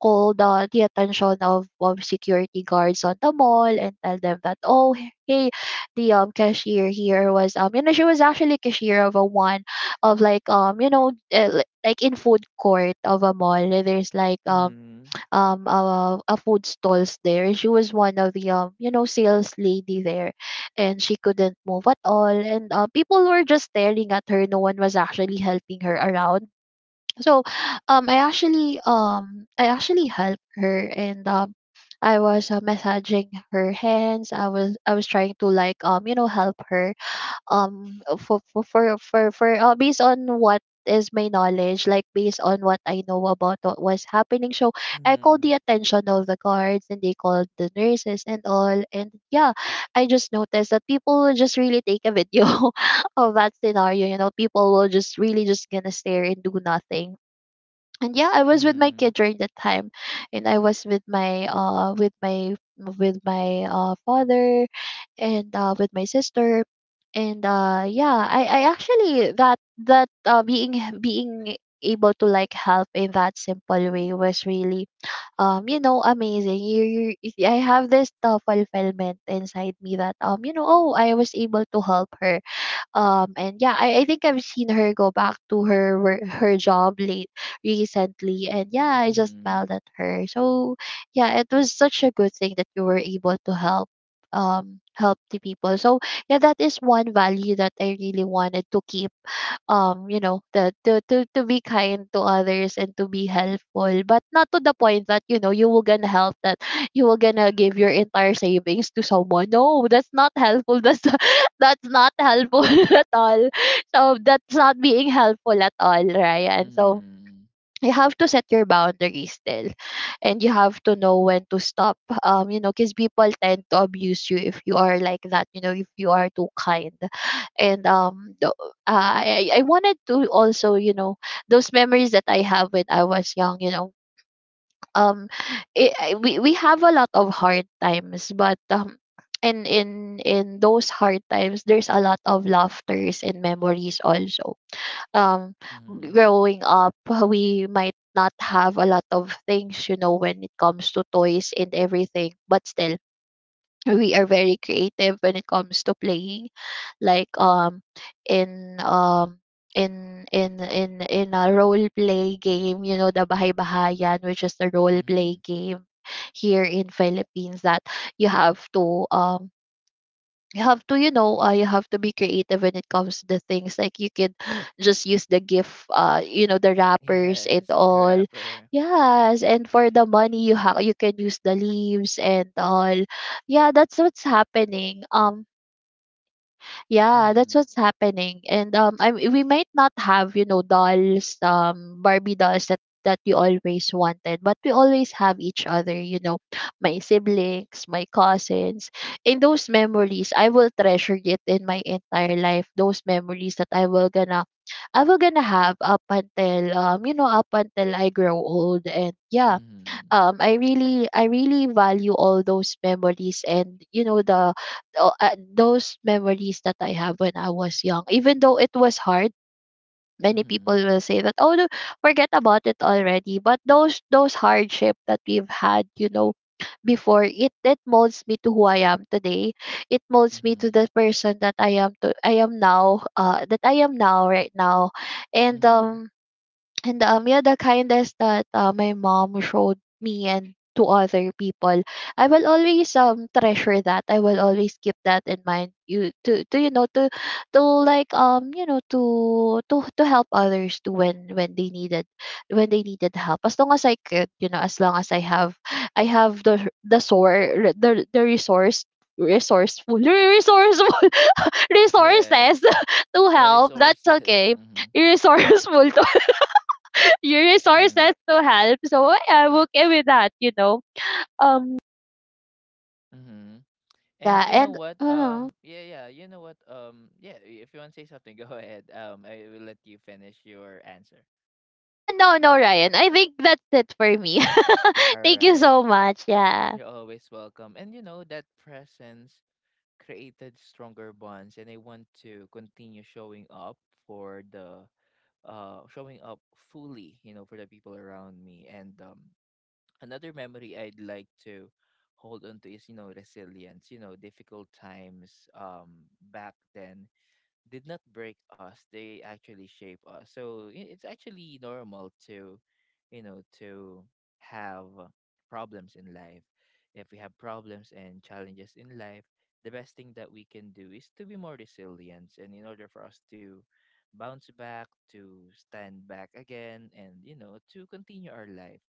Speaker 2: called the attention of security guards on the mall and tell them that, oh hey, the cashier here was you know she was actually cashier of a one of like you know like in food court of a mall. There's like
Speaker 1: Mm-hmm.
Speaker 2: a food stalls there. She was one of the you know sales lady there, and she couldn't move at all. And people were just staring at her. No one was actually helping her around. So I actually helped her. And I was massaging her hands. I was trying to like you know help her for based on what is my knowledge, like based on what I know about what was happening. So I called the
Speaker 1: Mm-hmm.
Speaker 2: attention of the guards, and they called the nurses and all. And yeah, I just noticed that people will just really take a video [LAUGHS] of that scenario. You know, people will just really just gonna stare and do nothing. And yeah, I was with my kid
Speaker 1: Mm-hmm.
Speaker 2: during that time, and I was with my father, and with my sister. And yeah, I actually that that being able to like help in that simple way was really you know amazing. You I have this fulfillment inside me that you know, oh, I was able to help her. And yeah, I think I've seen her go back to her her job late recently, and yeah, I just smiled at her. So yeah, it was such a good thing that you were able to help help the people. So yeah, that is one value that I really wanted to keep. You know the to be kind to others and to be helpful, but not to the point that you know you will gonna help that [SIGHS] [LAUGHS] you will gonna give your entire savings to someone. No, that's not helpful. That's [LAUGHS] that's not helpful [LAUGHS] at all. So that's not being helpful at all, Ryan.
Speaker 1: Mm-hmm.
Speaker 2: So
Speaker 1: Mm-hmm.
Speaker 2: you have to set your boundaries still, and you have to know when to stop. You know, because people tend to abuse you if you are like that, you know, if you are too kind. And I wanted to also you know those memories that I have when I was young, you know, um we have a lot of hard times, but and in those hard times there's a lot of laughters and memories also. um
Speaker 1: Mm-hmm.
Speaker 2: growing up, [LAUGHS] we might not have a lot of things, you know, when it comes to toys and everything, but still we are very creative when it comes to playing. Like in um in a role play game, you know, the bahay bahayan, which is the role play
Speaker 1: Mm-hmm.
Speaker 2: game here in Philippines, that you have to you have to you know you have to be creative when it comes to the things. Like you can [GASPS] just use the gift you know the wrappers and
Speaker 1: Yes. [LAUGHS]
Speaker 2: all.
Speaker 1: Rapper.
Speaker 2: Yes, and for the money you have you can use the leaves and all. Yeah, that's what's happening. Yeah, that's
Speaker 1: Mm-hmm.
Speaker 2: what's happening. And I, we might not have, you know, dolls, Barbie dolls that that we always wanted, but we always have each other, you know, my siblings, my cousins. In those memories, I will treasure it in my entire life. Those memories that I will gonna have up until you know, up until I grow old. And yeah,
Speaker 1: Mm-hmm.
Speaker 2: I really I really value all those memories. And you know the those memories that I have when I was young, even though it was hard, many people
Speaker 1: Mm-hmm.
Speaker 2: will say that, oh no, forget about it already. But those hardship that we've had, you know, before, it molds me to who I am today. It molds me to the
Speaker 1: Mm-hmm.
Speaker 2: person that I am now that I am now right now. And
Speaker 1: Mm-hmm.
Speaker 2: um and yeah, the kindness that my mom showed me and to other people, I will always treasure that. I will always keep that in mind. You to you know to like you know to to help others to when they needed, when they needed help. As long as I could, you know, as long as I have the sor the resource, resourceful [LAUGHS] resourceful [LAUGHS] resources
Speaker 1: Yes,
Speaker 2: [LAUGHS] to
Speaker 1: that is
Speaker 2: help. That's
Speaker 1: sources. [LAUGHS]
Speaker 2: okay.
Speaker 1: Mhm.
Speaker 2: Resourceful to [LAUGHS] your
Speaker 1: Mm-hmm.
Speaker 2: resources to help. I'm okay with that, you know. Um,
Speaker 1: Mm-hmm. And
Speaker 2: yeah,
Speaker 1: you know
Speaker 2: and
Speaker 1: what? Yeah, yeah. You know what? Yeah. If you want to say something, [LAUGHS] go ahead. I will let you finish your answer.
Speaker 2: ah, no, no, Ryan. I think that's it for me. [LAUGHS]
Speaker 1: All
Speaker 2: Thank you
Speaker 1: right.
Speaker 2: so much. Yeah.
Speaker 1: You're always welcome. And you know that presence created stronger bonds, and I want to continue showing up for the showing up fully. You know, for the people around me. And another memory I'd like to hold on to is, you know, resilience. You know, difficult times. Back then did not break us, they actually shape us. So it's actually normal to you know to have problems in life. If we have problems and challenges in life, the best thing that we can do is to be more resilient, and in order for us to bounce back, to stand back again, and to continue our life,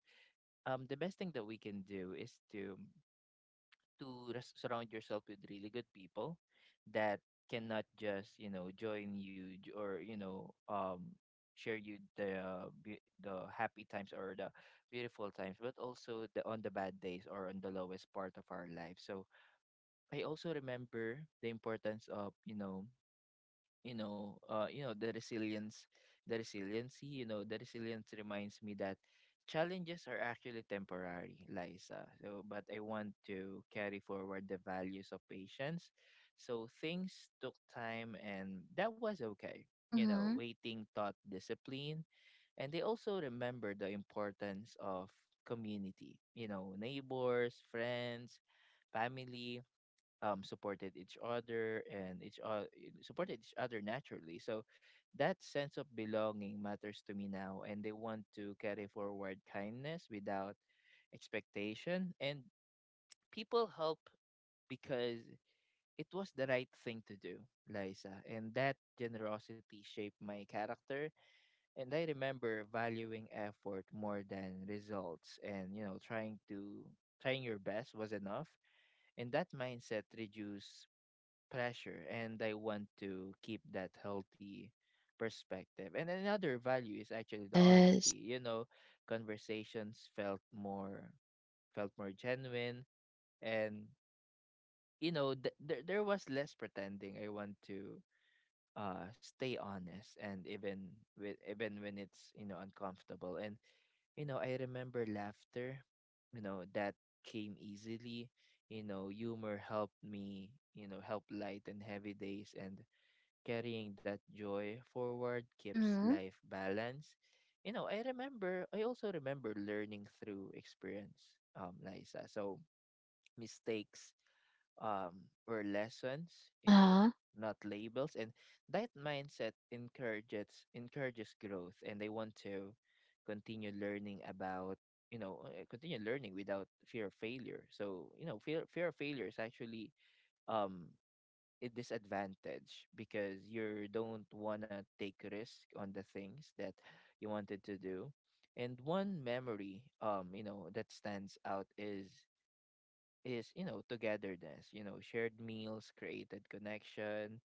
Speaker 1: the best thing that we can do is to surround yourself with really good people that cannot just, you know, join you or, you know, share you the the happy times or the beautiful times, but also the, on the bad days or on the lowest part of our life. So I also remember the importance of, you know, the resilience, the resiliency. You know, the resilience reminds me that challenges are actually temporary, Liza. So but I want to carry forward the values of patience. So things took time, and that was okay. You know,
Speaker 2: Mm-hmm.
Speaker 1: waiting taught discipline. And they also remember the importance of community, you know, neighbors, friends, family. Supported each other, and each supported each other naturally. So that sense of belonging matters to me now, and they want to carry forward kindness without expectation. And people help because it was the right thing to do, Liza, and that generosity shaped my character. And I remember valuing effort more than results, and you know, trying your best was enough, and that mindset reduced pressure, and I want to keep that healthy perspective. And another value is actually the honesty.
Speaker 2: Yes.
Speaker 1: You know, conversations felt more, felt more genuine. And you know, there was less pretending. I want to stay honest, and even when it's, you know, uncomfortable. And you know, I remember laughter, you know, that came easily. You know, humor helped me, you know, help lighten heavy days, and carrying that joy forward keeps
Speaker 2: Mhm.
Speaker 1: life balanced. You know, I remember, I also remember learning through experience, Liza. So mistakes, were lessons,
Speaker 2: Uh
Speaker 1: you know,
Speaker 2: huh.
Speaker 1: not labels. And that mindset encourages growth. And I want to continue learning about, you know, continue learning without fear of failure. So, you know, fear of failure is actually um a disadvantage because you don't want to take risk on the things that you wanted to do. And one memory, you know, that stands out is you know, togetherness. You know, shared meals created connection,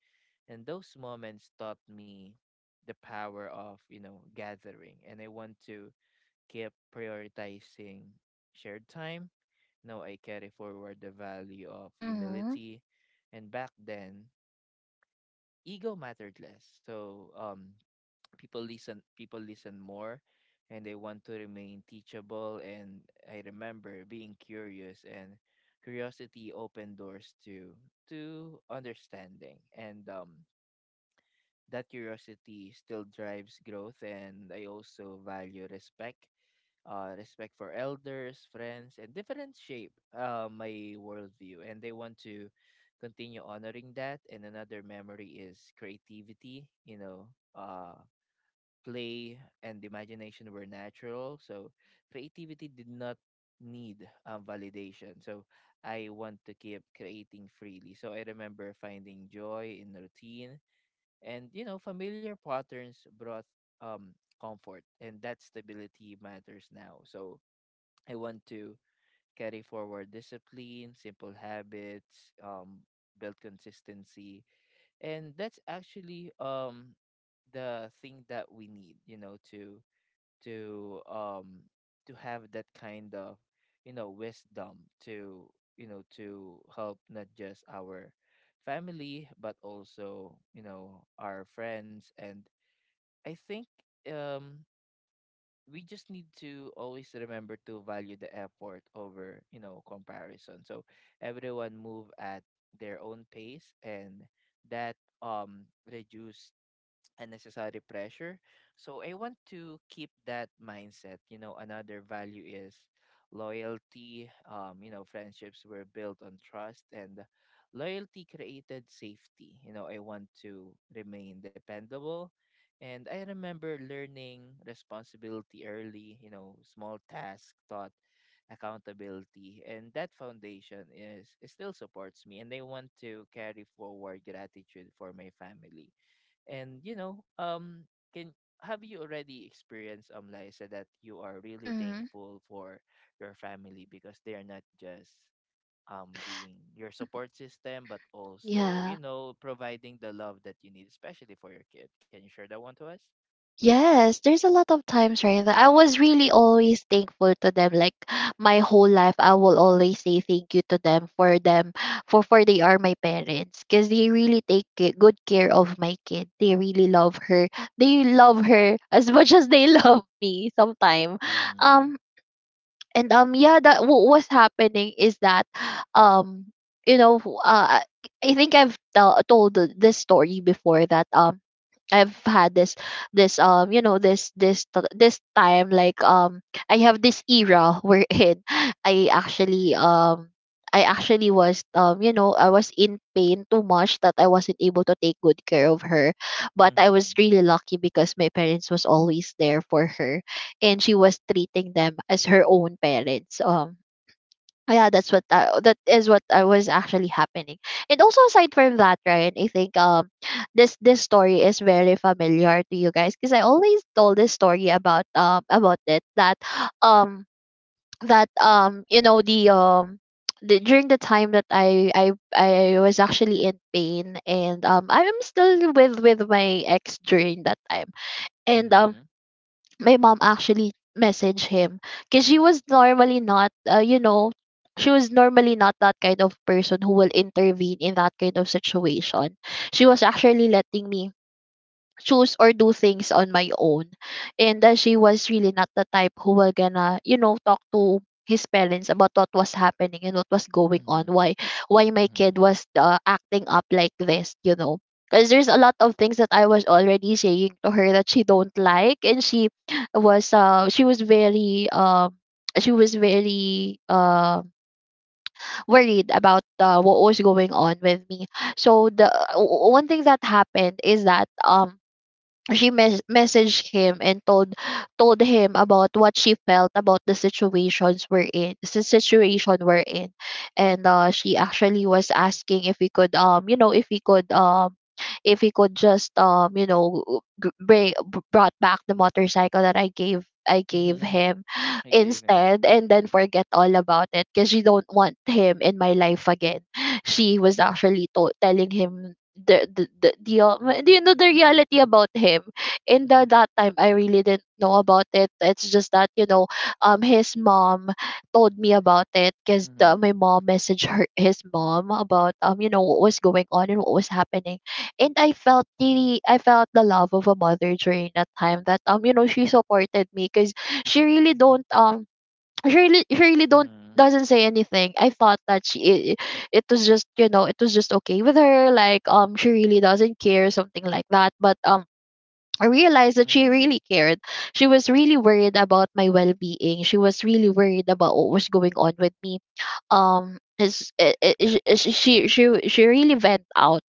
Speaker 1: and those moments taught me the power of, you know, gathering. And I want to keep prioritizing shared time. Now I carry forward the value of
Speaker 2: Mhm.
Speaker 1: humility. And back then, ego mattered less. So people listen more, and they want to remain teachable. And I remember being curious, and curiosity opened doors to understanding, and that curiosity still drives growth. And I also value respect, respect for elders, friends, and different shape, my worldview. And they want to continue honoring that. And another memory is creativity, you know, play and imagination were natural. So creativity did not need, validation. So I want to keep creating freely. So I remember finding joy in routine, and, you know, familiar patterns brought, um, comfort, and that stability matters now. So I want to carry forward discipline, simple habits, build consistency, and that's actually the thing that we need, you know, to to um have that kind of, you know, wisdom to, you know, to help not just our family, but also, you know, our friends. And I think, um we just need to always remember to value the effort over, you know, comparison. So everyone move at their own pace, and that, um reduce unnecessary pressure. So I want to keep that mindset. You know, another value is loyalty. You know, friendships were built on trust, and loyalty created safety. You know, I want to remain dependable. And I remember learning responsibility early, you know, small task taught accountability. And that foundation is it still supports me. And I want to carry forward gratitude for my family. And you know, can, have you already experienced, Liza, that you are really
Speaker 2: Mhm.
Speaker 1: thankful for your family because they are not just being your support system, but also, you
Speaker 2: Yeah.
Speaker 1: know, providing the love that you need, especially for your kid? Can you share that one to us?
Speaker 2: Yes, there's a lot of times, right, that I was really always thankful to them. Like [GASPS] [SIGHS] my whole life, I will always say thank you to them for them, for they are my parents, because they really take good care of my kid. They really love her. They love her [LAUGHS] as much as they love me. Sometime,
Speaker 1: Mm-hmm.
Speaker 2: um, and yeah, that what was happening is that, um, you know, uh, I I think I've tell told this story before that I've had this this you know this this t- this time like I have this era wherein [LAUGHS] I actually um I actually was I was in pain too much that I wasn't able to take good care of her, but I was
Speaker 1: Mm-hmm.
Speaker 2: really lucky because my parents was always there for her, and she was treating them as her own parents. Yeah, that is what I was actually happening. And also aside from that, Ryan, I think this story is very familiar to you guys because I always told this story about it that um that um you know the um during the time that I was actually in pain, and I'm still with my ex during that time. And
Speaker 1: Mm-hmm.
Speaker 2: My mom actually messaged him, because she was normally not you know she was normally not that kind of person who will intervene in that kind of situation. She was actually letting me choose or do things on my own. And she was really not the type who were gonna, you know, talk to his parents about what was happening and what was going on,
Speaker 1: Mm-hmm.
Speaker 2: why my kid was acting up like this, you know. Because there's a lot of things that I was already saying to her that she don't like, and she was very worried about what was going on with me. So the one thing that happened is that she messaged him and told him about what she felt about the situation we're in. And she actually was asking if we could you know if we could if he could just, bring, brought back the motorcycle that I gave
Speaker 1: Mm-hmm.
Speaker 2: him
Speaker 1: [LAUGHS] I
Speaker 2: [SIGHS]
Speaker 1: gave him.
Speaker 2: instead, and then forget all about it because you don't want him in my life again. She was actually telling him do you know the reality about him. And the that time I really didn't know about it. It's just that, you know, his mom told me about it, because
Speaker 1: Mm-hmm.
Speaker 2: my mom messaged her his mom about, um, you know, what was going on and what was happening. And I felt the love of a mother during that time. That you know She supported me because she really don't. Shirley don't,
Speaker 1: Mm-hmm.
Speaker 2: doesn't say anything. I thought that it was just, you know, it was just okay with her, like she really doesn't care, something like that. But I realized that she
Speaker 1: Mm-hmm.
Speaker 2: really cared. She was really worried about my well being. She was really worried about what was going on with me. Is it she really went out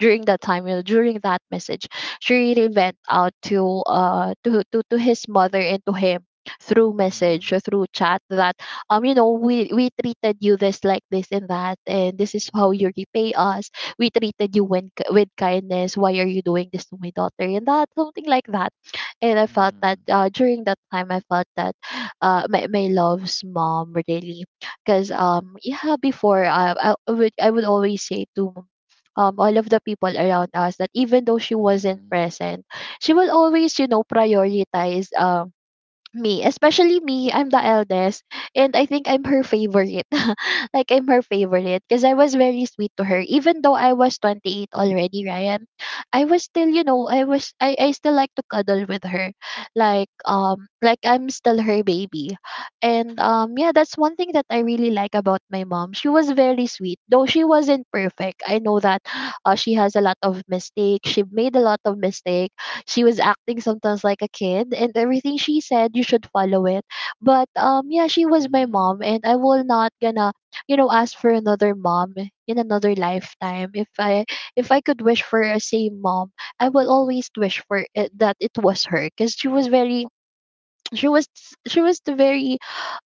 Speaker 2: during that time, you know, during that message. She really went out to to his mother and to him through
Speaker 1: Mm-hmm.
Speaker 2: message or through chat that, we treated you this and that, and this is how
Speaker 1: Mm-hmm.
Speaker 2: you repay us. We treated you, with kindness. Why are you doing this to my daughter and that, something like that. And I felt
Speaker 1: Mm-hmm.
Speaker 2: that, during that time I felt that, my, my love's mom really. Because yeah, before I would, I would always say to, all of the people around us that even though she wasn't present, she will always, you know, prioritize, me, especially me. I'm the eldest, and I think I'm her favorite. [LAUGHS] Like I'm her favorite because I was very sweet to her, even though I was 28 already, Ryan. I was still, you know, I was I still like to cuddle with her, like I'm still her baby. And yeah, that's one thing that I really like about my mom. She was very sweet, though she wasn't perfect. I know that, she has a lot of mistakes. She made a lot of mistakes. She was acting sometimes like a kid, and everything she said, you should follow it. But, yeah, she was my
Speaker 1: Mm-hmm.
Speaker 2: mom, and I will not gonna, you know, ask for another mom in another lifetime. If I could wish for a same mom, I will always wish for it, that it was her. Because she was very, she was she was the very,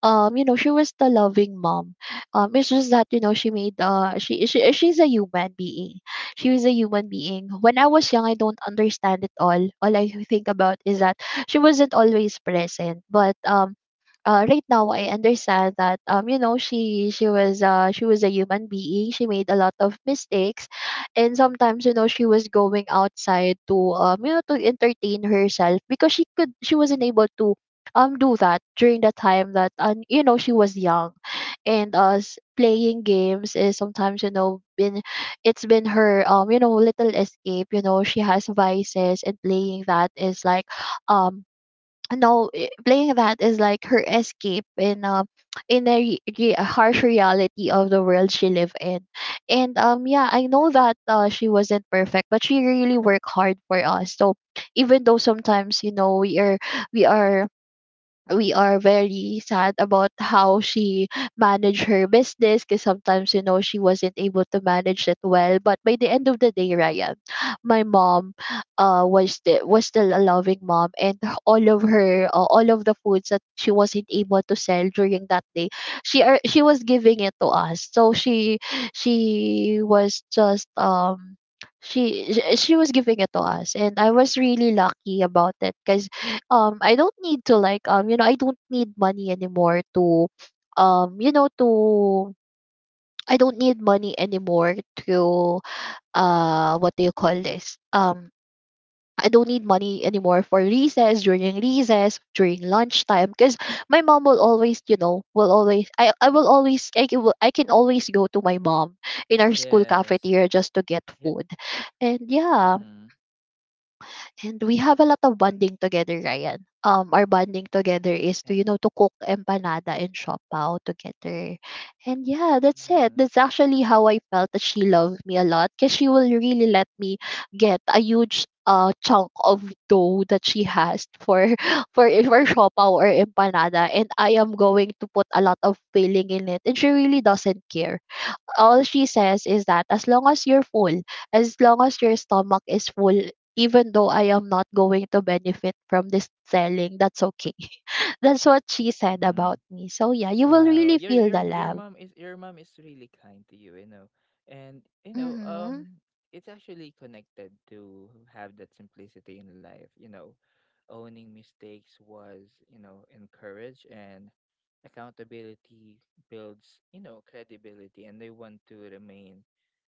Speaker 2: she was the loving mom. It's just that, you know, she's a human being. She was a human being. When I was young I don't understand it. All I think about is that she wasn't always present. But right now I understand that, she was, she was a human being. She made a lot of mistakes, and sometimes, you know, she was going outside to, um, you know, to entertain herself, because she wasn't able to, do that during the time that, and, you know, she was young. And us playing games is sometimes, you know, been her, um, you know, little escape. You know, she has vices, and playing that is like, um no eh, playing that is like her escape in, a harsh reality of the world she live in. And yeah, I know that, she wasn't perfect, but she really worked hard for us. So even though sometimes, you know, we are we are very sad about how she managed her business, because sometimes, you know, she wasn't able to manage it well. But by the end of the day, Ryan, my mom, was the was still a loving mom. And all of her, all of the foods that she wasn't able to sell during that day, she was giving it to us. So she was just she was giving it to us. And I was really lucky about it, because, I don't need to like, I don't need money anymore to, um you know to I don't need money anymore to, what do you call this, I don't need money anymore for recess during lunchtime, because my mom will always, you know, will always I will always I can always go to my mom in our school
Speaker 1: Yes.
Speaker 2: cafeteria just to get
Speaker 1: Yeah.
Speaker 2: food. And yeah.
Speaker 1: Mm-hmm.
Speaker 2: And we have a lot of bonding together, Ryan. Our bonding
Speaker 1: And
Speaker 2: together is to, you know, to cook empanada and shopao together. And yeah, that's
Speaker 1: mm-hmm.
Speaker 2: it. That's actually how I felt that she loved me a lot, because she will really let me get a huge, chunk of dough that she has for [LAUGHS] for shopao or empanada. And I am going to put a lot of filling in it. And she really doesn't care. All she says is that as long as you're full, as long as your stomach is full, even though I am not going to benefit from this selling, that's okay. [LAUGHS] That's what she
Speaker 1: Mm-hmm.
Speaker 2: said about me. So yeah, you
Speaker 1: Wow,
Speaker 2: will really feel
Speaker 1: your
Speaker 2: the
Speaker 1: mom
Speaker 2: love.
Speaker 1: is, your mom is really kind to you, you know. And you know,
Speaker 2: Mhm.
Speaker 1: it's actually connected to have that simplicity in life, you know. Owning mistakes was, you know, encouraged, and accountability builds, you know, credibility, and they want to remain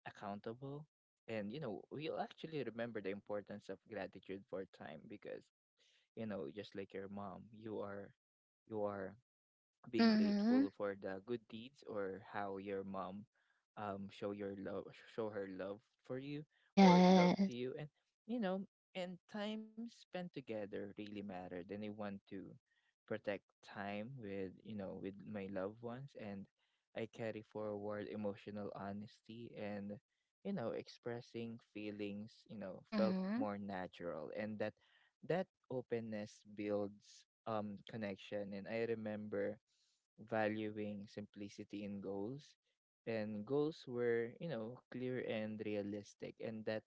Speaker 1: accountable. And you know, we'll actually remember the importance of gratitude for time because, you know, just like your mom, you are, you are being
Speaker 2: Mhm.
Speaker 1: grateful for the good deeds, or how your mom, um show your love show her love for you, or love
Speaker 2: Yes.
Speaker 1: to you. And you know, and time spent together really mattered, and I want to protect time with, you know, with my loved ones. And I carry forward emotional honesty, and you know, expressing feelings, you know, felt
Speaker 2: Mhm.
Speaker 1: more natural, and that, openness builds, connection. And I remember valuing simplicity in goals, and goals were, you know, clear and realistic, and that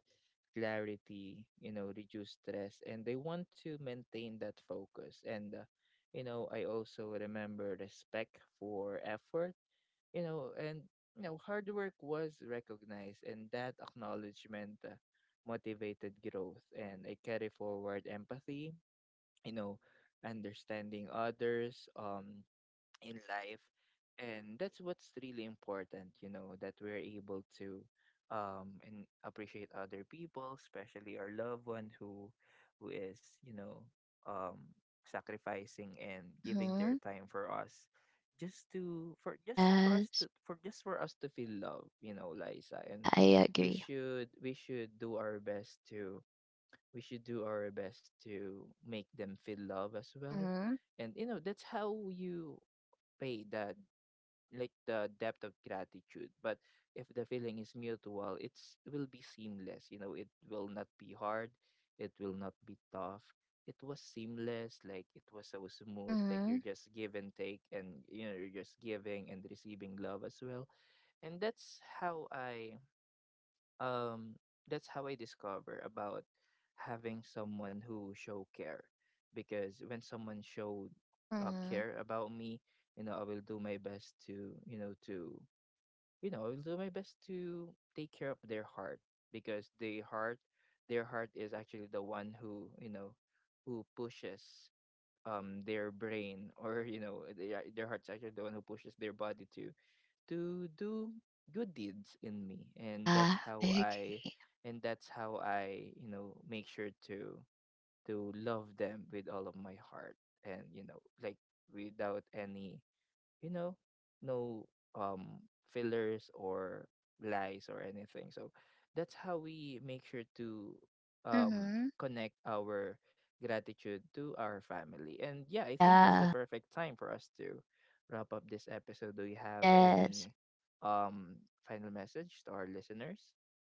Speaker 1: clarity, you know, reduced stress, and they want to maintain that focus. And you know, I also remember respect for effort, you know. And you know, hard work was recognized, and that acknowledgement, motivated growth. And I carry forward empathy, you know, understanding others, in life. And that's what's really important, you know, that we're able to, and appreciate other people, especially our loved one, who is, you know, um sacrificing and giving their
Speaker 2: Mhm.
Speaker 1: time for us, just to for just for us
Speaker 2: Yes.
Speaker 1: to for just for us to feel love, you know, Liza. And
Speaker 2: Yeah, I agree.
Speaker 1: we should do our best to, we should do our best to make them feel love as well.
Speaker 2: Mhm.
Speaker 1: And you know, that's how you pay that, like the depth of gratitude. But if the feeling is mutual, it will be seamless. You know, it will not be hard, it will not be tough. It was seamless, like it was so smooth, like
Speaker 2: Mhm.
Speaker 1: you're just give and take, and you know, you're just giving and receiving love as well. And that's how I, um that's how I discover about having someone who show care. Because when someone showed,
Speaker 2: Mhm.
Speaker 1: care about me, you know, I will do my best to you know to you know, I will do my best to take care of their heart. Because their heart, is actually the one who, you know, who pushes, their brain, or you know, their heart's actually the one who pushes their body to do good deeds in me. And
Speaker 2: Yeah,
Speaker 1: that's
Speaker 2: I
Speaker 1: how I,
Speaker 2: agree.
Speaker 1: and that's how I, you know, make sure to love them with all of my heart. And you know, like without any, you know, no, um fillers, or lies, or anything. So that's how we make sure to,
Speaker 2: Mhm.
Speaker 1: connect our gratitude to our family. And yeah, I think this is the
Speaker 2: Yeah.
Speaker 1: perfect time for us to wrap up this episode. Do you have
Speaker 2: Yes.
Speaker 1: any final message to our listeners?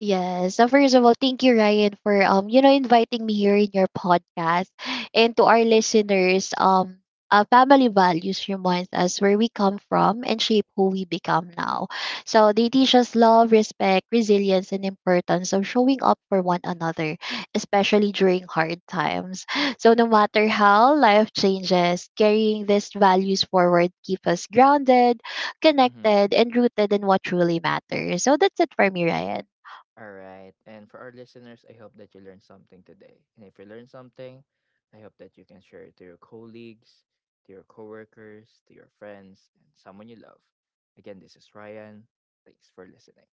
Speaker 2: Yes. So first of all, thank you, Ryan, for, you know, inviting me here in your podcast. And to our listeners, family values reminds us where we come from and shape who we become now. So they teach us love, respect, resilience, and importance of showing up for one another, especially during hard times. So no matter how life changes, carrying these values forward keep us grounded,
Speaker 1: Mm-hmm.
Speaker 2: connected, and rooted in what truly matters. So that's it for me, Ryan.
Speaker 1: All right. And for our listeners, I hope that you learned something today. And if you learned something, I hope that you can share it to your colleagues, to your coworkers, to your friends, and someone you love. Again, this is Ryan. Thanks for listening.